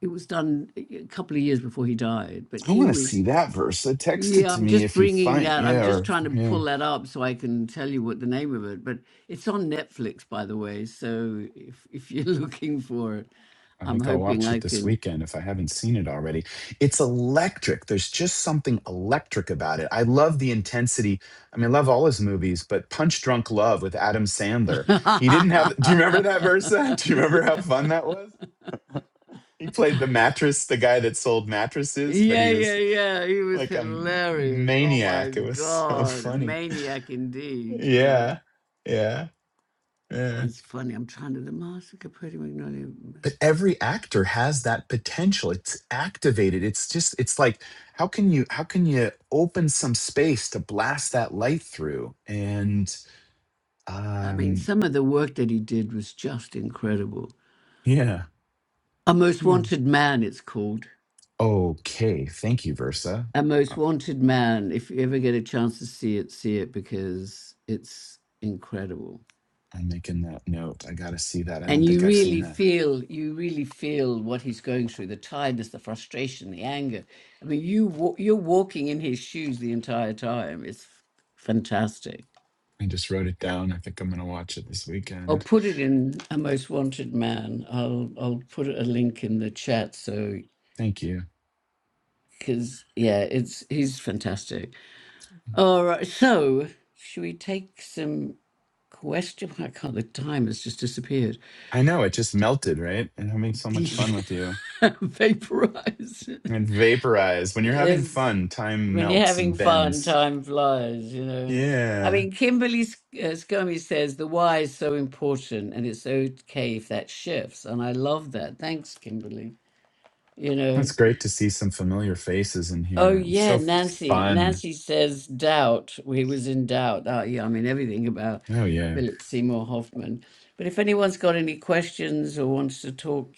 S1: It was done a a couple of years before he died, but
S2: I
S1: he
S2: want to
S1: was.
S2: see that Versa. Text it
S1: Yeah,
S2: to
S1: I'm
S2: me
S1: just
S2: if you
S1: bringing
S2: find.
S1: that. I'm
S2: Yeah.
S1: just
S2: Or
S1: trying to
S2: yeah.
S1: pull that up so I can tell you what the name of it. But it's on Netflix, by the way. So if if you're looking for it,
S2: I
S1: I'm
S2: think I'll
S1: hoping
S2: watch
S1: I
S2: it this
S1: can.
S2: weekend if I haven't seen it already. It's electric. There's just something electric about it. I love the intensity. I mean, I love all his movies, but Punch Drunk Love with Adam Sandler. He didn't have. Do you remember that Versa? Do you remember how fun that was? He played the mattress, the guy that sold mattresses, but
S1: Yeah,
S2: he
S1: yeah,
S2: was
S1: yeah. He was
S2: like a
S1: hilarious. Oh my
S2: maniac. It was so
S1: God. A
S2: funny.
S1: maniac indeed, you know.
S2: Yeah. Yeah. Yeah.
S1: It's funny. I'm trying to the massacre pretty McNally.
S2: but every actor has that potential it's activated it's just it's like how can you how can you open some space to blast that light through and
S1: I mean,
S2: um
S1: some of the work that he did was just incredible.
S2: yeah
S1: A Most
S2: Hmm.
S1: Wanted Man, it's called.
S2: okay thank you versa
S1: A
S2: Uh,
S1: Most Wanted Man. If you ever get a chance to see it, see it because it's incredible.
S2: i'm making that note i gotta see that i don't
S1: and
S2: think
S1: you
S2: i've seen
S1: really
S2: that
S1: feel you really feel what he's going through the tiredness the frustration the anger i mean you wa- you're walking in his shoes the entire time it's fantastic
S2: i just wrote it down i think i'm gonna watch it this
S1: i'll
S2: weekend
S1: put it in a most wanted man i'll i'll put a link in the chat so
S2: thank you
S1: cuz yeah it's he's fantastic all right so should we take some question i can't the time has just disappeared
S2: i know it just melted right and having so much fun with you
S1: vaporized
S2: and vaporize when you're having
S1: It's
S2: fun time
S1: when you're
S2: melts
S1: having
S2: and
S1: fun,
S2: bends
S1: time flies, you know. I
S2: yeah
S1: mean, Kimberly Sc- uh, Scummy says the why is so important and it's okay if that shifts. And I love that. Thanks, Kimberly. You
S2: It's
S1: know,
S2: great to see some familiar faces in
S1: oh,
S2: here. It's
S1: yeah,
S2: so
S1: Nancy.
S2: fun.
S1: Nancy says doubt. He was in doubt. Oh, yeah, I mean, everything about
S2: Oh, yeah.
S1: Philip Seymour Hoffman. But if anyone's got any questions or wants to talk,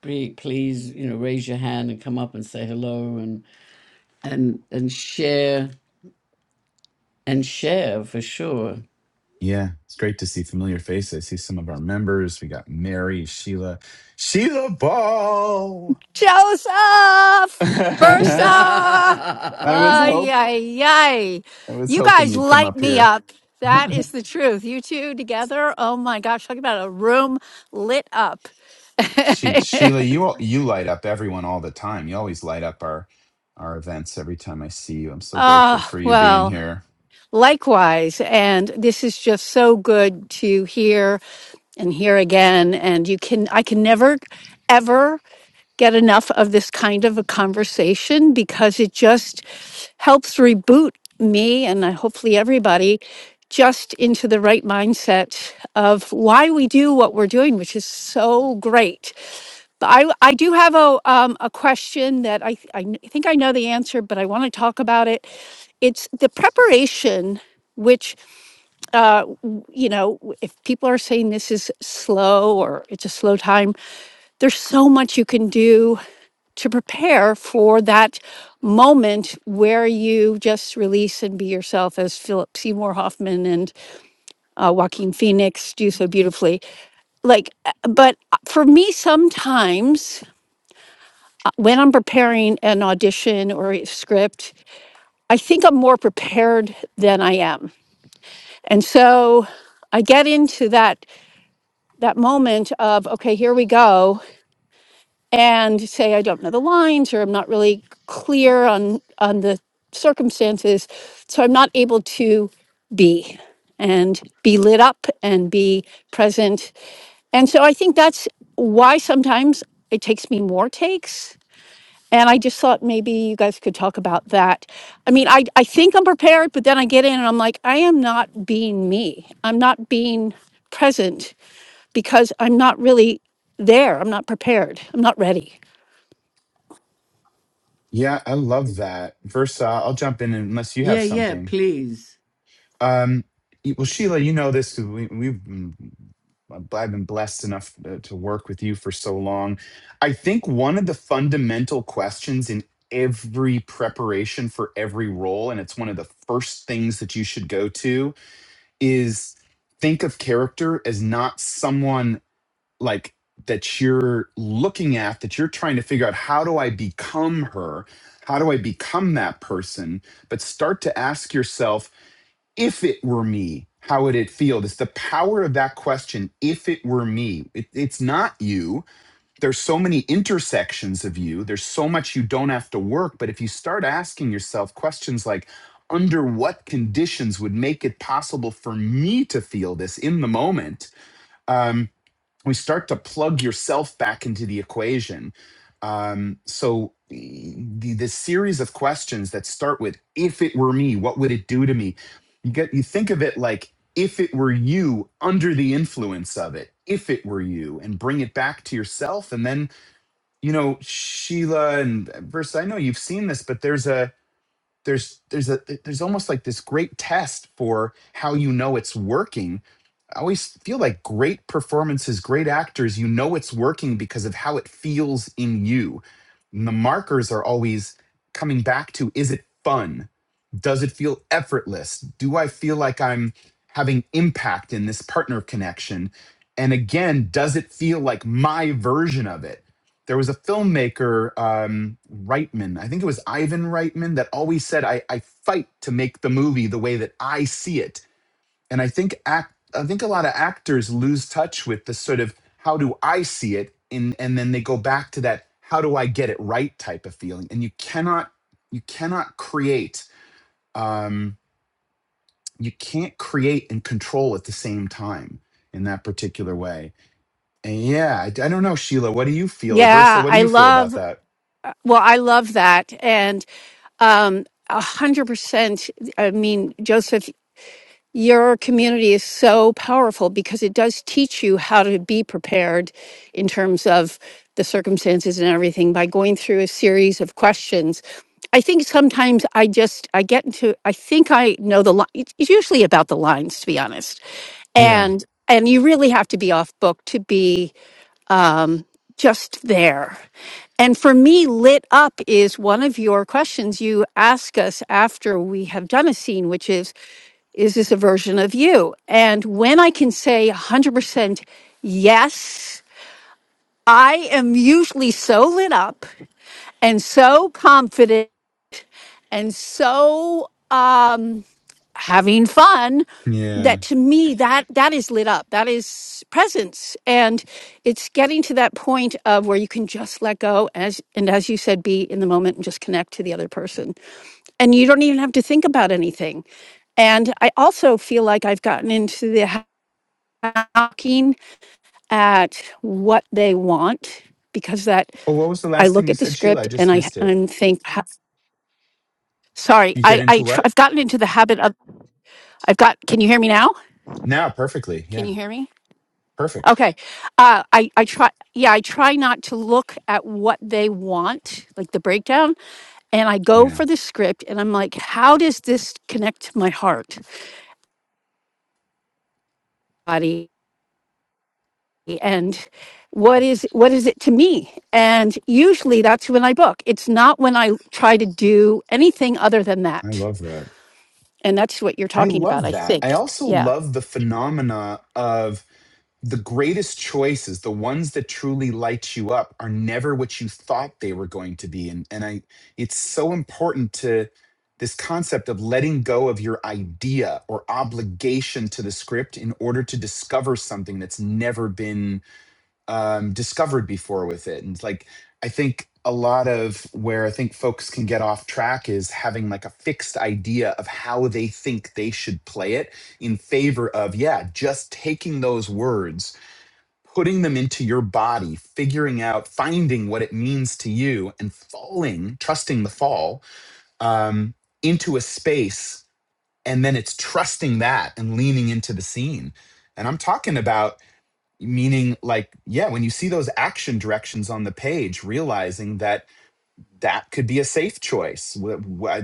S1: be- please, you know, raise your hand and come up and say hello and and and share. and share for sure.
S2: Yeah. It's great to see familiar faces. I see some of our members. We got Mary, Sheila, Sheila Ball.
S3: Joseph!
S2: I
S3: Versa!
S2: was
S1: yeah,
S3: Ay,
S2: hope.
S3: ay, ay.
S2: I was
S3: You
S2: hoping
S3: guys
S2: you'd come
S3: light
S2: up
S3: me
S2: here.
S3: up. That is the truth. You two together, oh my gosh, talk about a room lit up.
S2: She, Sheila, you al- you light up everyone all the time. You always light up our our events every time I see you. I'm so grateful
S3: Ah,
S2: for you being
S3: well,
S2: here.
S3: likewise. And this is just so good to hear and hear again. And you can, I can never, ever get enough of this kind of a conversation because it just helps reboot me and uh, hopefully everybody just into the right mindset of why we do what we're doing, which is so great. But I, I do have a, um, a question that I, th- I kn- think I know the answer, but I want to talk about it. It's the preparation, which uh, w- you know, w- if people are saying this is slow or it's a slow time, there's so much you can do to prepare for that moment where you just release and be yourself as Philip Seymour Hoffman and uh, Joaquin Phoenix do so beautifully. Like, uh, but uh, for me, sometimes uh, when I'm preparing an audition or a script, I think I'm more prepared than I am. And so I get into that that moment of, okay, here we go, and say, I don't know the lines, or I'm not really clear on, on the circumstances. So I'm not able to be and be lit up and be present. And so I think that's why sometimes it takes me more takes. And I just thought maybe you guys could talk about that. I mean, I, I think I'm prepared, but then I get in and I'm like, I am not being me. I'm not being present because I'm not really there. I'm not prepared. I'm not ready.
S2: Yeah, I love that. Versa, I'll jump in unless you have
S1: yeah,
S2: something.
S1: please.
S2: Um, y- well, Sheila, you know this 'cause we, we've been, I've I've been blessed enough to, to work with you for so long. I think one of the fundamental questions in every preparation for every role, and it's one of the first things that you should go to, is think of character as not someone like that you're looking at, that you're trying to figure out how do I become her? How do I become that person? But start to ask yourself, if it were me, how would it feel? It's the power of that question. If it were me, it, it's not you. There's so many intersections of you. There's so much you don't have to work. But if you start asking yourself questions like, under what conditions would make it possible for me to feel this in the moment? Um, we start to plug yourself back into the equation. Um, so e, the this series of questions that start with "If it were me, what would it do to me?" You get you think of it like if it were you under the influence of it. If it were you, and bring it back to yourself, and then you know Sheila and verse. I know you've seen this, but there's a there's there's a there's almost like this great test for how you know it's working i always feel like great performances great actors you know it's working because of how it feels in you and the markers are always coming back to is it fun does it feel effortless do i feel like i'm having impact in this partner connection and again does it feel like my version of it there was a filmmaker um, reitman i think it was ivan reitman that always said I, I fight to make the movie the way that i see it and i think act i think a lot of actors lose touch with the sort of how do i see it and and then they go back to that how do i get it right type of feeling and you cannot you cannot create um, you can't create and control at the same time in that particular way and yeah I, I don't know sheila what do you feel or versa
S3: Yeah,
S2: what do
S3: I
S2: you feel about
S3: love,
S2: that
S3: uh, well, I love that. And um, a 100%, I mean, Joseph, Your community is so powerful because it does teach you how to be prepared in terms of the circumstances and everything by going through a series of questions. I think sometimes I just I get into I think I know the line. It's it's usually about the lines, to be honest,
S2: Yeah.
S3: and and you really have to be off book to be um, just there. And for me, lit up is one of your questions you ask us after we have done a scene, which is. Is this a version of you? And when I can say 100% yes, I am usually so lit up and so confident and so um, having fun
S2: Yeah.
S3: that to me that that is lit up that is presence and it's getting to that point of where you can just let go as and as you said be in the moment and just connect to the other person and you don't even have to think about anything and i also feel like i've gotten into the knocking at what they want because that
S2: Oh, what was the
S3: I
S2: last thing
S3: look
S2: you
S3: at the
S2: said, Sheila? I
S3: script and
S2: just
S3: I
S2: missed it.
S3: and think "Ha- sorry
S2: You get
S3: I I
S2: into
S3: tr-
S2: what?
S3: I've gotten into the habit of I've got can you hear me now
S2: Now, perfectly.
S3: can
S2: Yeah.
S3: you hear me
S2: Perfect.
S3: okay uh I I try yeah I try not to look at what they want like the breakdown and I go
S2: Yeah.
S3: for the script and I'm like how does this connect to my heart body and what is what is it to me and usually that's when i book it's not when i try to do anything other than
S2: I
S3: that
S2: love that.
S3: and that's what you're
S2: I
S3: talking about
S2: love
S3: i
S2: that. I
S3: think
S2: also
S3: yeah
S2: love the phenomena of the greatest choices, the ones that truly light you up are never what you thought they were going to be. And and I it's so important to this concept of letting go of your idea or obligation to the script in order to discover something that's never been um, discovered before with it. And it's like, I think a lot of where I think folks can get off track is having like a fixed idea of how they think they should play it in favor of, yeah, just taking those words, putting them into your body, figuring out, finding what it means to you, and falling, trusting the fall um, into a space. And then it's trusting that and leaning into the scene. And I'm talking about meaning like yeah when you see those action directions on the page realizing that that could be a safe choice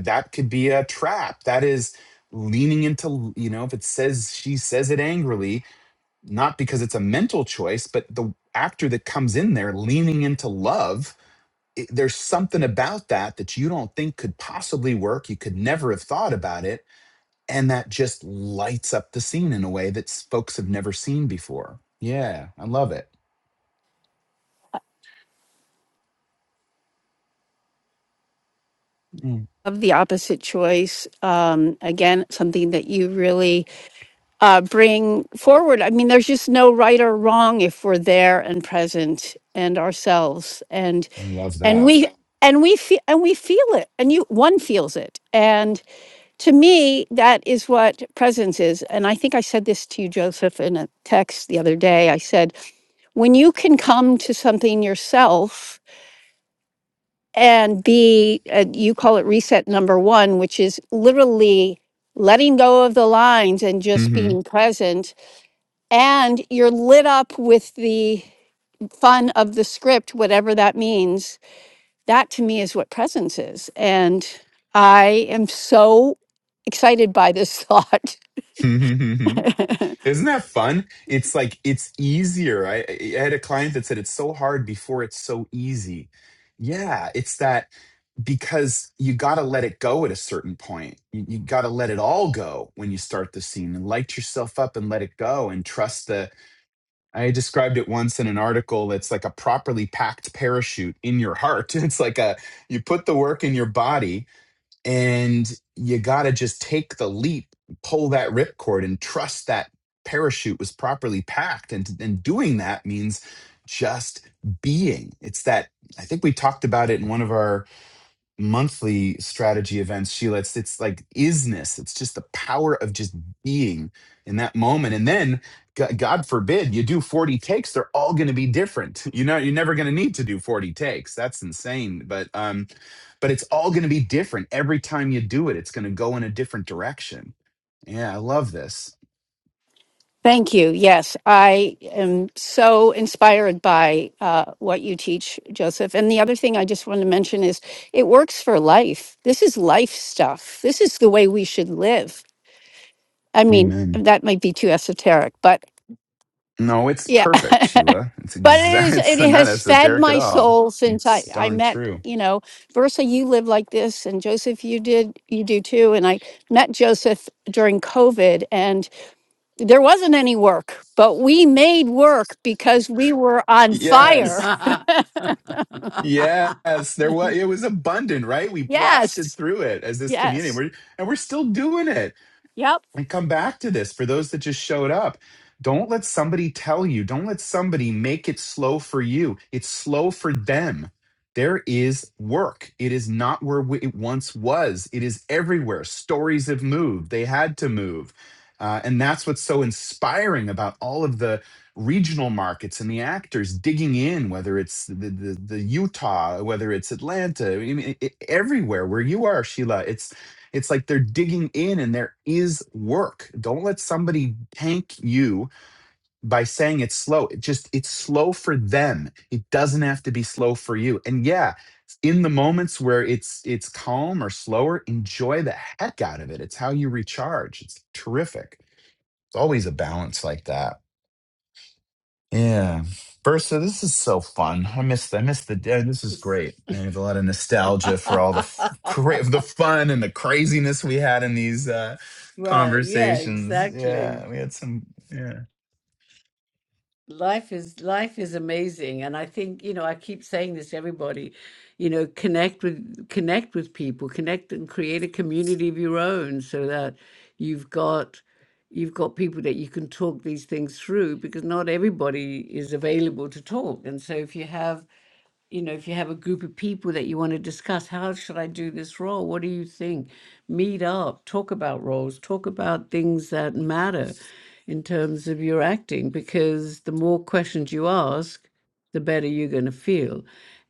S2: that could be a trap that is leaning into you know if it says she says it angrily not because it's a mental choice but the actor that comes in there leaning into love i there's something about that that you don't think could possibly work you could never have thought about it and that just lights up the scene in a way that s- folks have never seen before yeah i love it
S3: of the opposite choice um, again something that you really uh, bring forward i mean there's just no right or wrong if we're there and present and ourselves and
S2: I love
S3: and
S2: that.
S3: we and we feel and we feel it and you one feels it and to me, that is what presence is. And I think I said this to you, Joseph, in a text the other day. I said, when you can come to something yourself and be, uh, you call it reset number one, which is literally letting go of the lines and just
S2: hmm
S3: being present. And you're lit up with the fun of the script, whatever that means. That to me is what presence is. And I am so excited by this thought.
S2: Isn't that fun? It's like it's easier. I, I had a client that said it's so hard before it's so easy. Yeah, it's that because you got to let it go at a certain point. You, you got to let it all go when you start the scene and light yourself up and let it go and trust the. I described it once in an article that's like a properly packed parachute in your heart. It's like a you put the work in your body and you got to just take the leap, pull that ripcord, and trust that parachute was properly packed. And, and doing that means just being. It's that I think we talked about it in one of our monthly strategy events, Sheila. It's it's like isness. It's just the power of just being in that moment. And then, G- God forbid, you do forty takes. They're all going to be different. You know, you're never going to need to do forty takes. That's insane. But um, but it's all going to be different every time you do it. It's going to go in a different direction. Yeah, I love this.
S3: Thank you. Yes, I am so inspired by uh, what you teach, Joseph. And the other thing I just want to mention is it works for life. This is life stuff. This is the way we should live. I mean,
S2: Amen.
S3: that might be too esoteric, but
S2: No, it's
S3: yeah,
S2: perfect,
S3: but
S2: Sheila. It's
S3: it
S2: exact.
S3: is.
S2: It's
S3: It
S2: not
S3: has fed
S2: esoteric at
S3: my
S2: all.
S3: soul since I
S2: It's
S3: I
S2: darn
S3: met.
S2: true.
S3: You know, Versa, you live like this, and Joseph, you did, you do too. And I met Joseph during COVID, and there wasn't any work, but we made work because we were on
S2: Yes.
S3: fire.
S1: right,
S2: Yes, there was. It was abundant, right? We blasted
S3: Yes.
S2: through it as this community,
S3: Yes.
S2: we're, and we're still doing it
S3: Yep.
S2: and come back to this for those that just showed up. Don't let somebody tell you, don't let somebody make it slow for you. It's slow for them. There is work. It is not where we- it once was. It is everywhere. Stories have moved. They had to move. Uh, and that's what's so inspiring about all of the regional markets and the actors digging in, whether it's the, the, the Utah, whether it's Atlanta, I mean, it- everywhere where you are, Sheila. It's like they're digging in and there is work. Don't let somebody tank you by saying it's slow. It just it's slow for them. It doesn't have to be slow for you. And yeah, in the moments where it's it's calm or slower, enjoy the heck out of it. It's how you recharge. It's terrific. It's always a balance like that. Yeah. Versa, this is so fun. I miss I miss the day. This is great. I have a lot of nostalgia for all the f- cra- the fun and the craziness we had in these uh
S1: yeah,
S2: conversations.
S1: exactly.
S2: Yeah, we had some yeah.
S1: Life is life is amazing, and I think you know I keep saying this to everybody, you know, connect with connect with people, connect and create a community of your own, so that you've got you've got people that you can talk these things through because not everybody is available to talk, and so if you have you know, if you have a group of people that you want to discuss, how should I do this role? What do you think? Meet up, talk about roles, talk about things that matter in terms of your acting, because the more questions you ask, the better you're going to feel.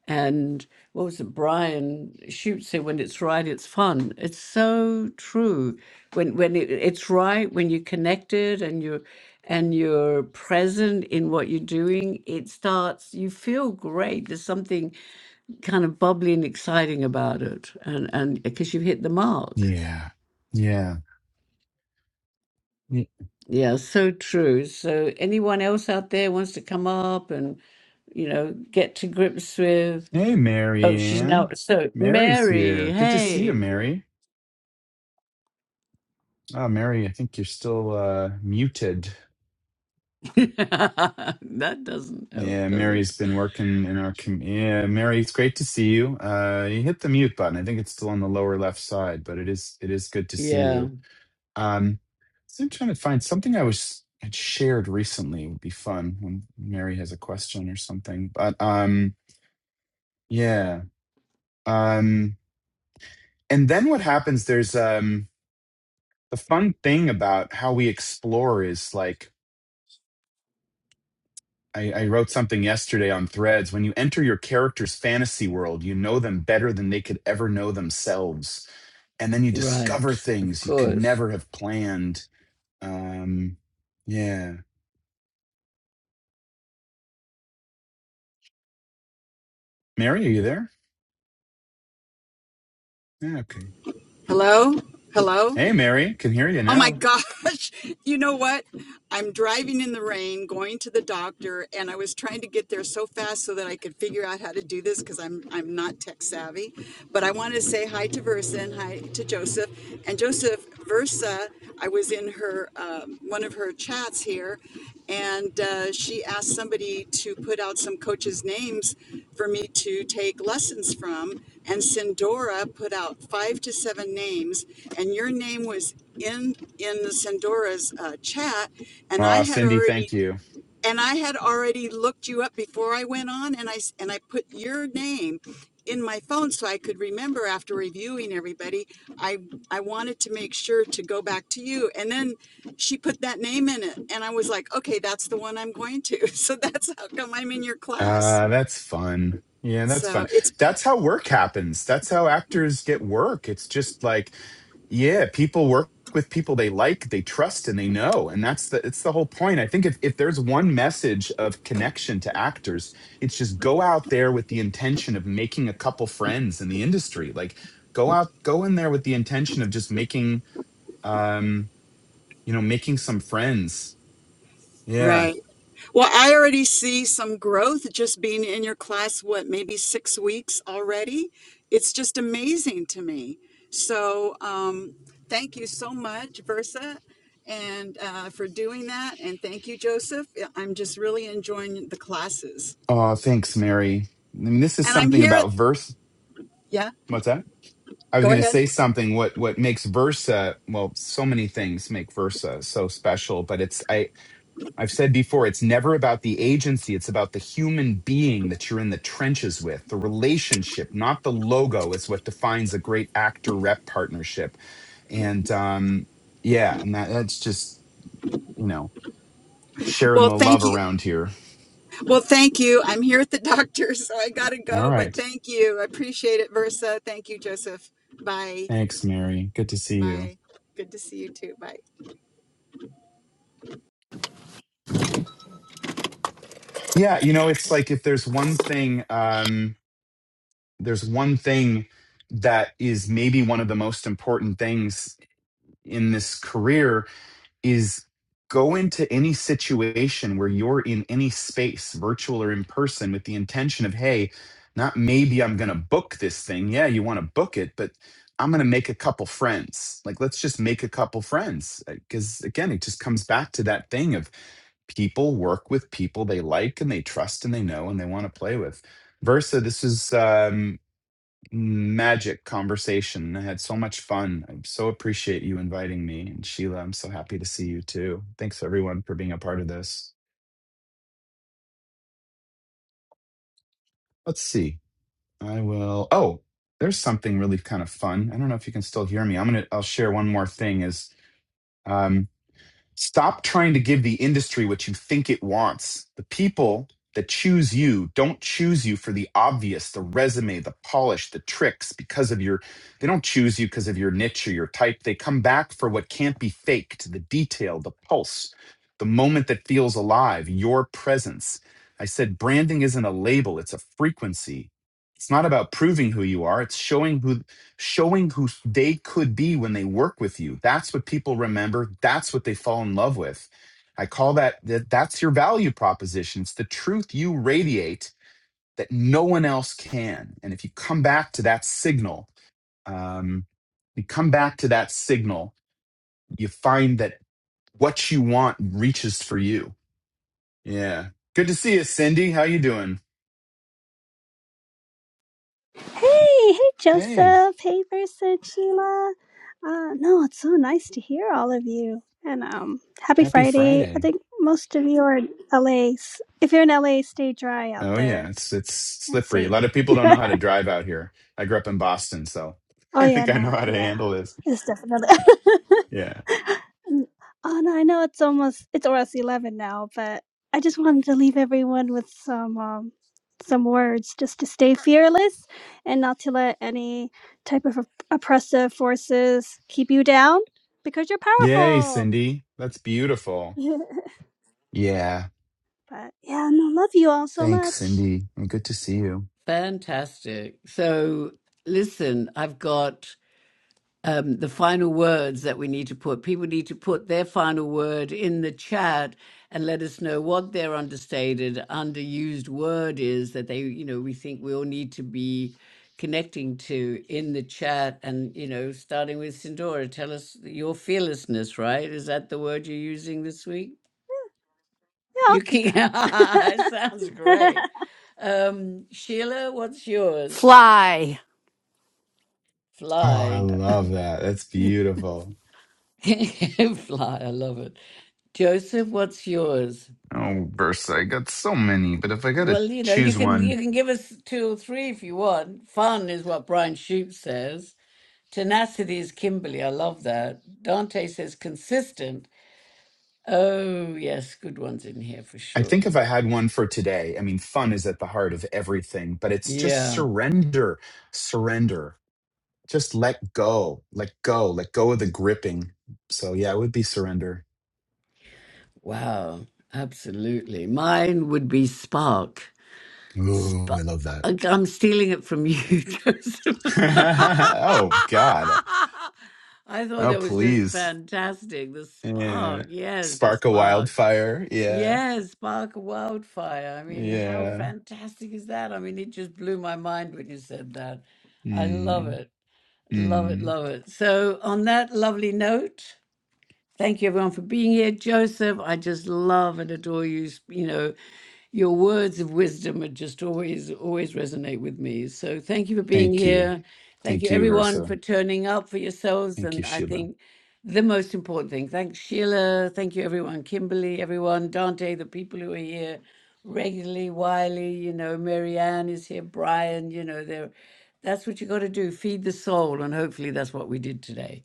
S1: And what was it? Brian Shute said, "When it's right, it's fun." It's so true. When when it, it's right, when you're connected and you're and you're present in what you're doing, it starts. You feel great. There's something kind of bubbly and exciting about it, and and because you have hit the mark.
S2: Yeah. Yeah. Y-
S1: Yeah, so true. So anyone else out there wants to come up and you know get to grips with
S2: Hey
S1: Oh, she's now
S2: Marianne.
S1: so
S2: Mary's
S1: Mary.
S2: here. Good to see you,
S1: Hey,
S2: Mary. Ah, Mary, I think you're still uh muted.
S1: that doesn't help,
S2: Yeah,
S1: does it?
S2: Mary's been working in our com- yeah, Mary, it's great to see you. Uh you hit the mute button. I think it's still on the lower left side, but it is it is good to see
S1: Yeah,
S2: you. Um so I'm trying to find something I was had shared recently would be fun when Mary has a question or something. But um yeah. Um and then what happens there's um the fun thing about how we explore is like I, I wrote something yesterday on threads. When you enter your character's fantasy world, you know them better than they could ever know themselves. And then you
S1: right.
S2: discover
S1: Of
S2: things you could
S1: course.
S2: never have planned. Um, yeah. Mary, are you there? Yeah, okay.
S4: Hello? Hello?
S2: Hey, Mary, can hear you
S4: Oh my
S2: now.
S4: gosh. You know what? I'm driving in the rain going to the doctor and I was trying to get there so fast so that I could figure out how to do this cuz I'm I'm not tech savvy. But I wanted to say hi to Versa and hi to Joseph. And Joseph Versa, I was in her um, one of one of her chats here, and uh, she asked somebody to put out some coaches' names for me to take lessons from. And Sindora put out five to seven names, and your name was in in the Sindora's uh, chat, and I
S2: Aw,
S4: had
S2: Cindy, thank
S4: already
S2: you.
S4: and I had already looked you up before I went on, and I s- and I put your name in my phone so I could remember after reviewing everybody. I I wanted to make sure to go back to you, and then she put that name in it, and I was like, okay, that's the one I'm going to. So that's how come I'm in your class.
S2: Ah, that's fun. Yeah, that's fun.
S4: So it's
S2: That's how work happens. That's how actors get work. It's just like, yeah, people work with people they like, they trust, and they know. And that's the it's the whole point. I think if, if there's one message of connection to actors, it's just go out there with the intention of making a couple friends in the industry. Like go out, go in there with the intention of just making um, you know, making some friends. Yeah.
S4: Right. Well, I already see some growth just being in your class, what, maybe six weeks already? It's just amazing to me. So, um, thank you so much, Versa, and uh, for doing that. And thank you, Joseph. Yeah, I'm just really enjoying the classes.
S2: Oh, thanks, Mary. I mean, this is
S4: And I'm
S2: something
S4: here.
S2: about verse.
S4: Yeah,
S2: What's that? I was
S4: go
S2: going to
S4: ahead.
S2: say something. What what makes Versa well? So many things make Versa so special, but it's I I've said before. It's never about the agency. It's about the human being that you're in the trenches with. The relationship, not the logo, is what defines a great actor rep partnership. And um, yeah, and that, that's just you know sharing
S4: Well,
S2: the
S4: thank
S2: love
S4: you.
S2: around here.
S4: Well, thank you. I'm here at the doctor, so I got to
S2: All
S4: go, but
S2: right,
S4: thank you. I appreciate it, Versa. Thank you, Joseph. Bye.
S2: thanks, Mary. Good to see you.
S4: Bye. Good to see you too. Bye.
S2: Yeah, you know, it's like if there's one thing. Um, there's one thing that is maybe one of the most important things in this career is go into any situation where you're in any space virtual or in person with the intention of hey not maybe i'm going to book this thing yeah you want to book it but i'm going to make a couple friends like let's just make a couple friends because again it just comes back to that thing of people work with people they like and they trust and they know and they want to play with versa this is um magic conversation. I had so much fun. I so appreciate you inviting me. And Sheila, I'm so happy to see you too. Thanks everyone for being a part of this. Let's see. I will oh, there's something really kind of fun. I don't know if you can still hear me. I'm gonna I'll share one more thing is um. Stop trying to give the industry what you think it wants. The people that choose you don't choose you for the obvious, the resume, the polish, the tricks because of your they don't choose you because of your niche or your type. They come back for what can't be faked, the detail, the pulse, the moment that feels alive, your presence. I said branding isn't a label, it's a frequency. It's not about proving who you are, it's showing who showing who they could be when they work with you. That's what people remember. That's what they fall in love with. I call that, that that's your value proposition. It's the truth you radiate that no one else can. And if you come back to that signal, um, you come back to that signal, you find that what you want reaches for you. Yeah. Good to see you, Cindy. How you doing?
S5: Hey, hey,
S2: Hey,
S5: Joseph. Hey, Versa, Sheila. Uh, no, it's so nice to hear all of you. And um, happy
S2: happy
S5: Friday.
S2: Friday.
S5: I think most of you are in LA. If you're in LA, stay dry out
S2: Oh yeah,
S5: there
S2: it's it's
S5: and
S2: slippery. A
S5: safe.
S2: lot of people don't know how to drive out here. I grew up in Boston, so
S5: Oh
S2: I
S5: yeah,
S2: think I know
S5: no,
S2: how to
S5: yeah,
S2: handle this.
S5: it's definitely.
S2: Yeah.
S5: oh no, I know it's almost it's almost eleven now, but I just wanted to leave everyone with some um, some words just to stay fearless and not to let any type of op- oppressive forces keep you down because you're
S2: Yay,
S5: powerful.
S2: Cindy. That's beautiful. Yeah.
S5: but yeah, no, love you all so
S2: Thanks,
S5: much.
S2: Cindy. And Good to see you.
S1: Fantastic. So, listen, I've got um, the final words that we need to put. People need to put their final word in the chat and let us know what their understated, underused word is that they, you know, we think we all need to be connecting to in the chat. And, you know, starting with Sindora, tell us your fearlessness, right? Is that the word you're using this week?
S5: Yeah, I'll
S1: You
S5: keep
S1: keep, it
S5: that.
S1: sounds great. Um, Sheila, what's yours?
S3: Fly.
S2: Oh, I
S1: Fly.
S2: love that. That's beautiful.
S1: Fly, I love it. Joseph, what's yours?
S2: Oh, Versa, I got so many, but if I got to
S1: Well, you know, you
S2: choose
S1: can you
S2: one,
S1: can give us two or three if you want. Fun is what Brian Shoup says. Tenacity is Kimberly. I love that. Dante says consistent. Oh, yes, good ones in here for
S2: I
S1: sure.
S2: think if I had one for today, I mean, fun is at the heart of everything, but it's just
S1: Yeah.
S2: surrender, surrender. just let go, let go, let go of the gripping. So yeah, it would be surrender.
S1: Wow. Absolutely. Mine would be Spark.
S2: Ooh, I
S1: Sp-
S2: love that.
S1: I'm stealing it from you, Joseph.
S2: oh God.
S1: I thought
S2: Oh
S1: that was just
S2: please.
S1: fantastic. The
S2: Yeah.
S1: spark, yes, the
S2: Spark a
S1: spark.
S2: wildfire. Yeah.
S1: Yes, spark a wildfire. I mean, how
S2: Yeah.
S1: fantastic is that? I mean, it just blew my mind when you said that. I love
S2: Mm.
S1: it. Love it,
S2: Mm.
S1: love it. So, on that lovely note, Thank you, everyone, for being here. Joseph, I just love and adore you. You know, your words of wisdom are just always, always resonate with me. So thank you for being
S2: Thank you.
S1: here. Thank
S2: Thank
S1: you,
S2: you,
S1: everyone,
S2: Versa.
S1: for turning up for yourselves.
S2: Thank you,
S1: And I
S2: Sheila.
S1: think the most important thing, thanks, Sheila. Thank you, everyone. Kimberly, everyone. Dante, the people who are here regularly. Wiley, you know, Marianne is here. Brian, you know, they're. That's what you got to do. Feed the soul, and hopefully that's what we did today.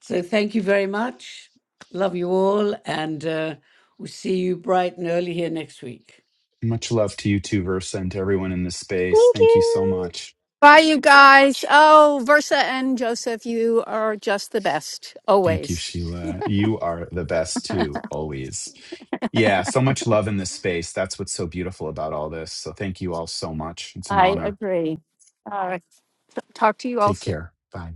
S1: So thank you very much. Love you all. And uh, we'll see you bright and early here next week.
S2: Much love to you too, Versa, and to everyone in this space.
S5: Thank
S2: Thank you so
S5: you.
S2: much.
S3: Bye, you guys. Oh, Versa and Joseph, you are just the best,
S2: Thank you,
S3: always.
S2: Sheila. You are the best too, always. Yeah, so much love in this space. That's what's so beautiful about all this. So thank you all so much. It's an
S3: I
S2: honor.
S3: agree. All right. Talk to you all
S2: Take
S3: soon.
S2: care. Bye.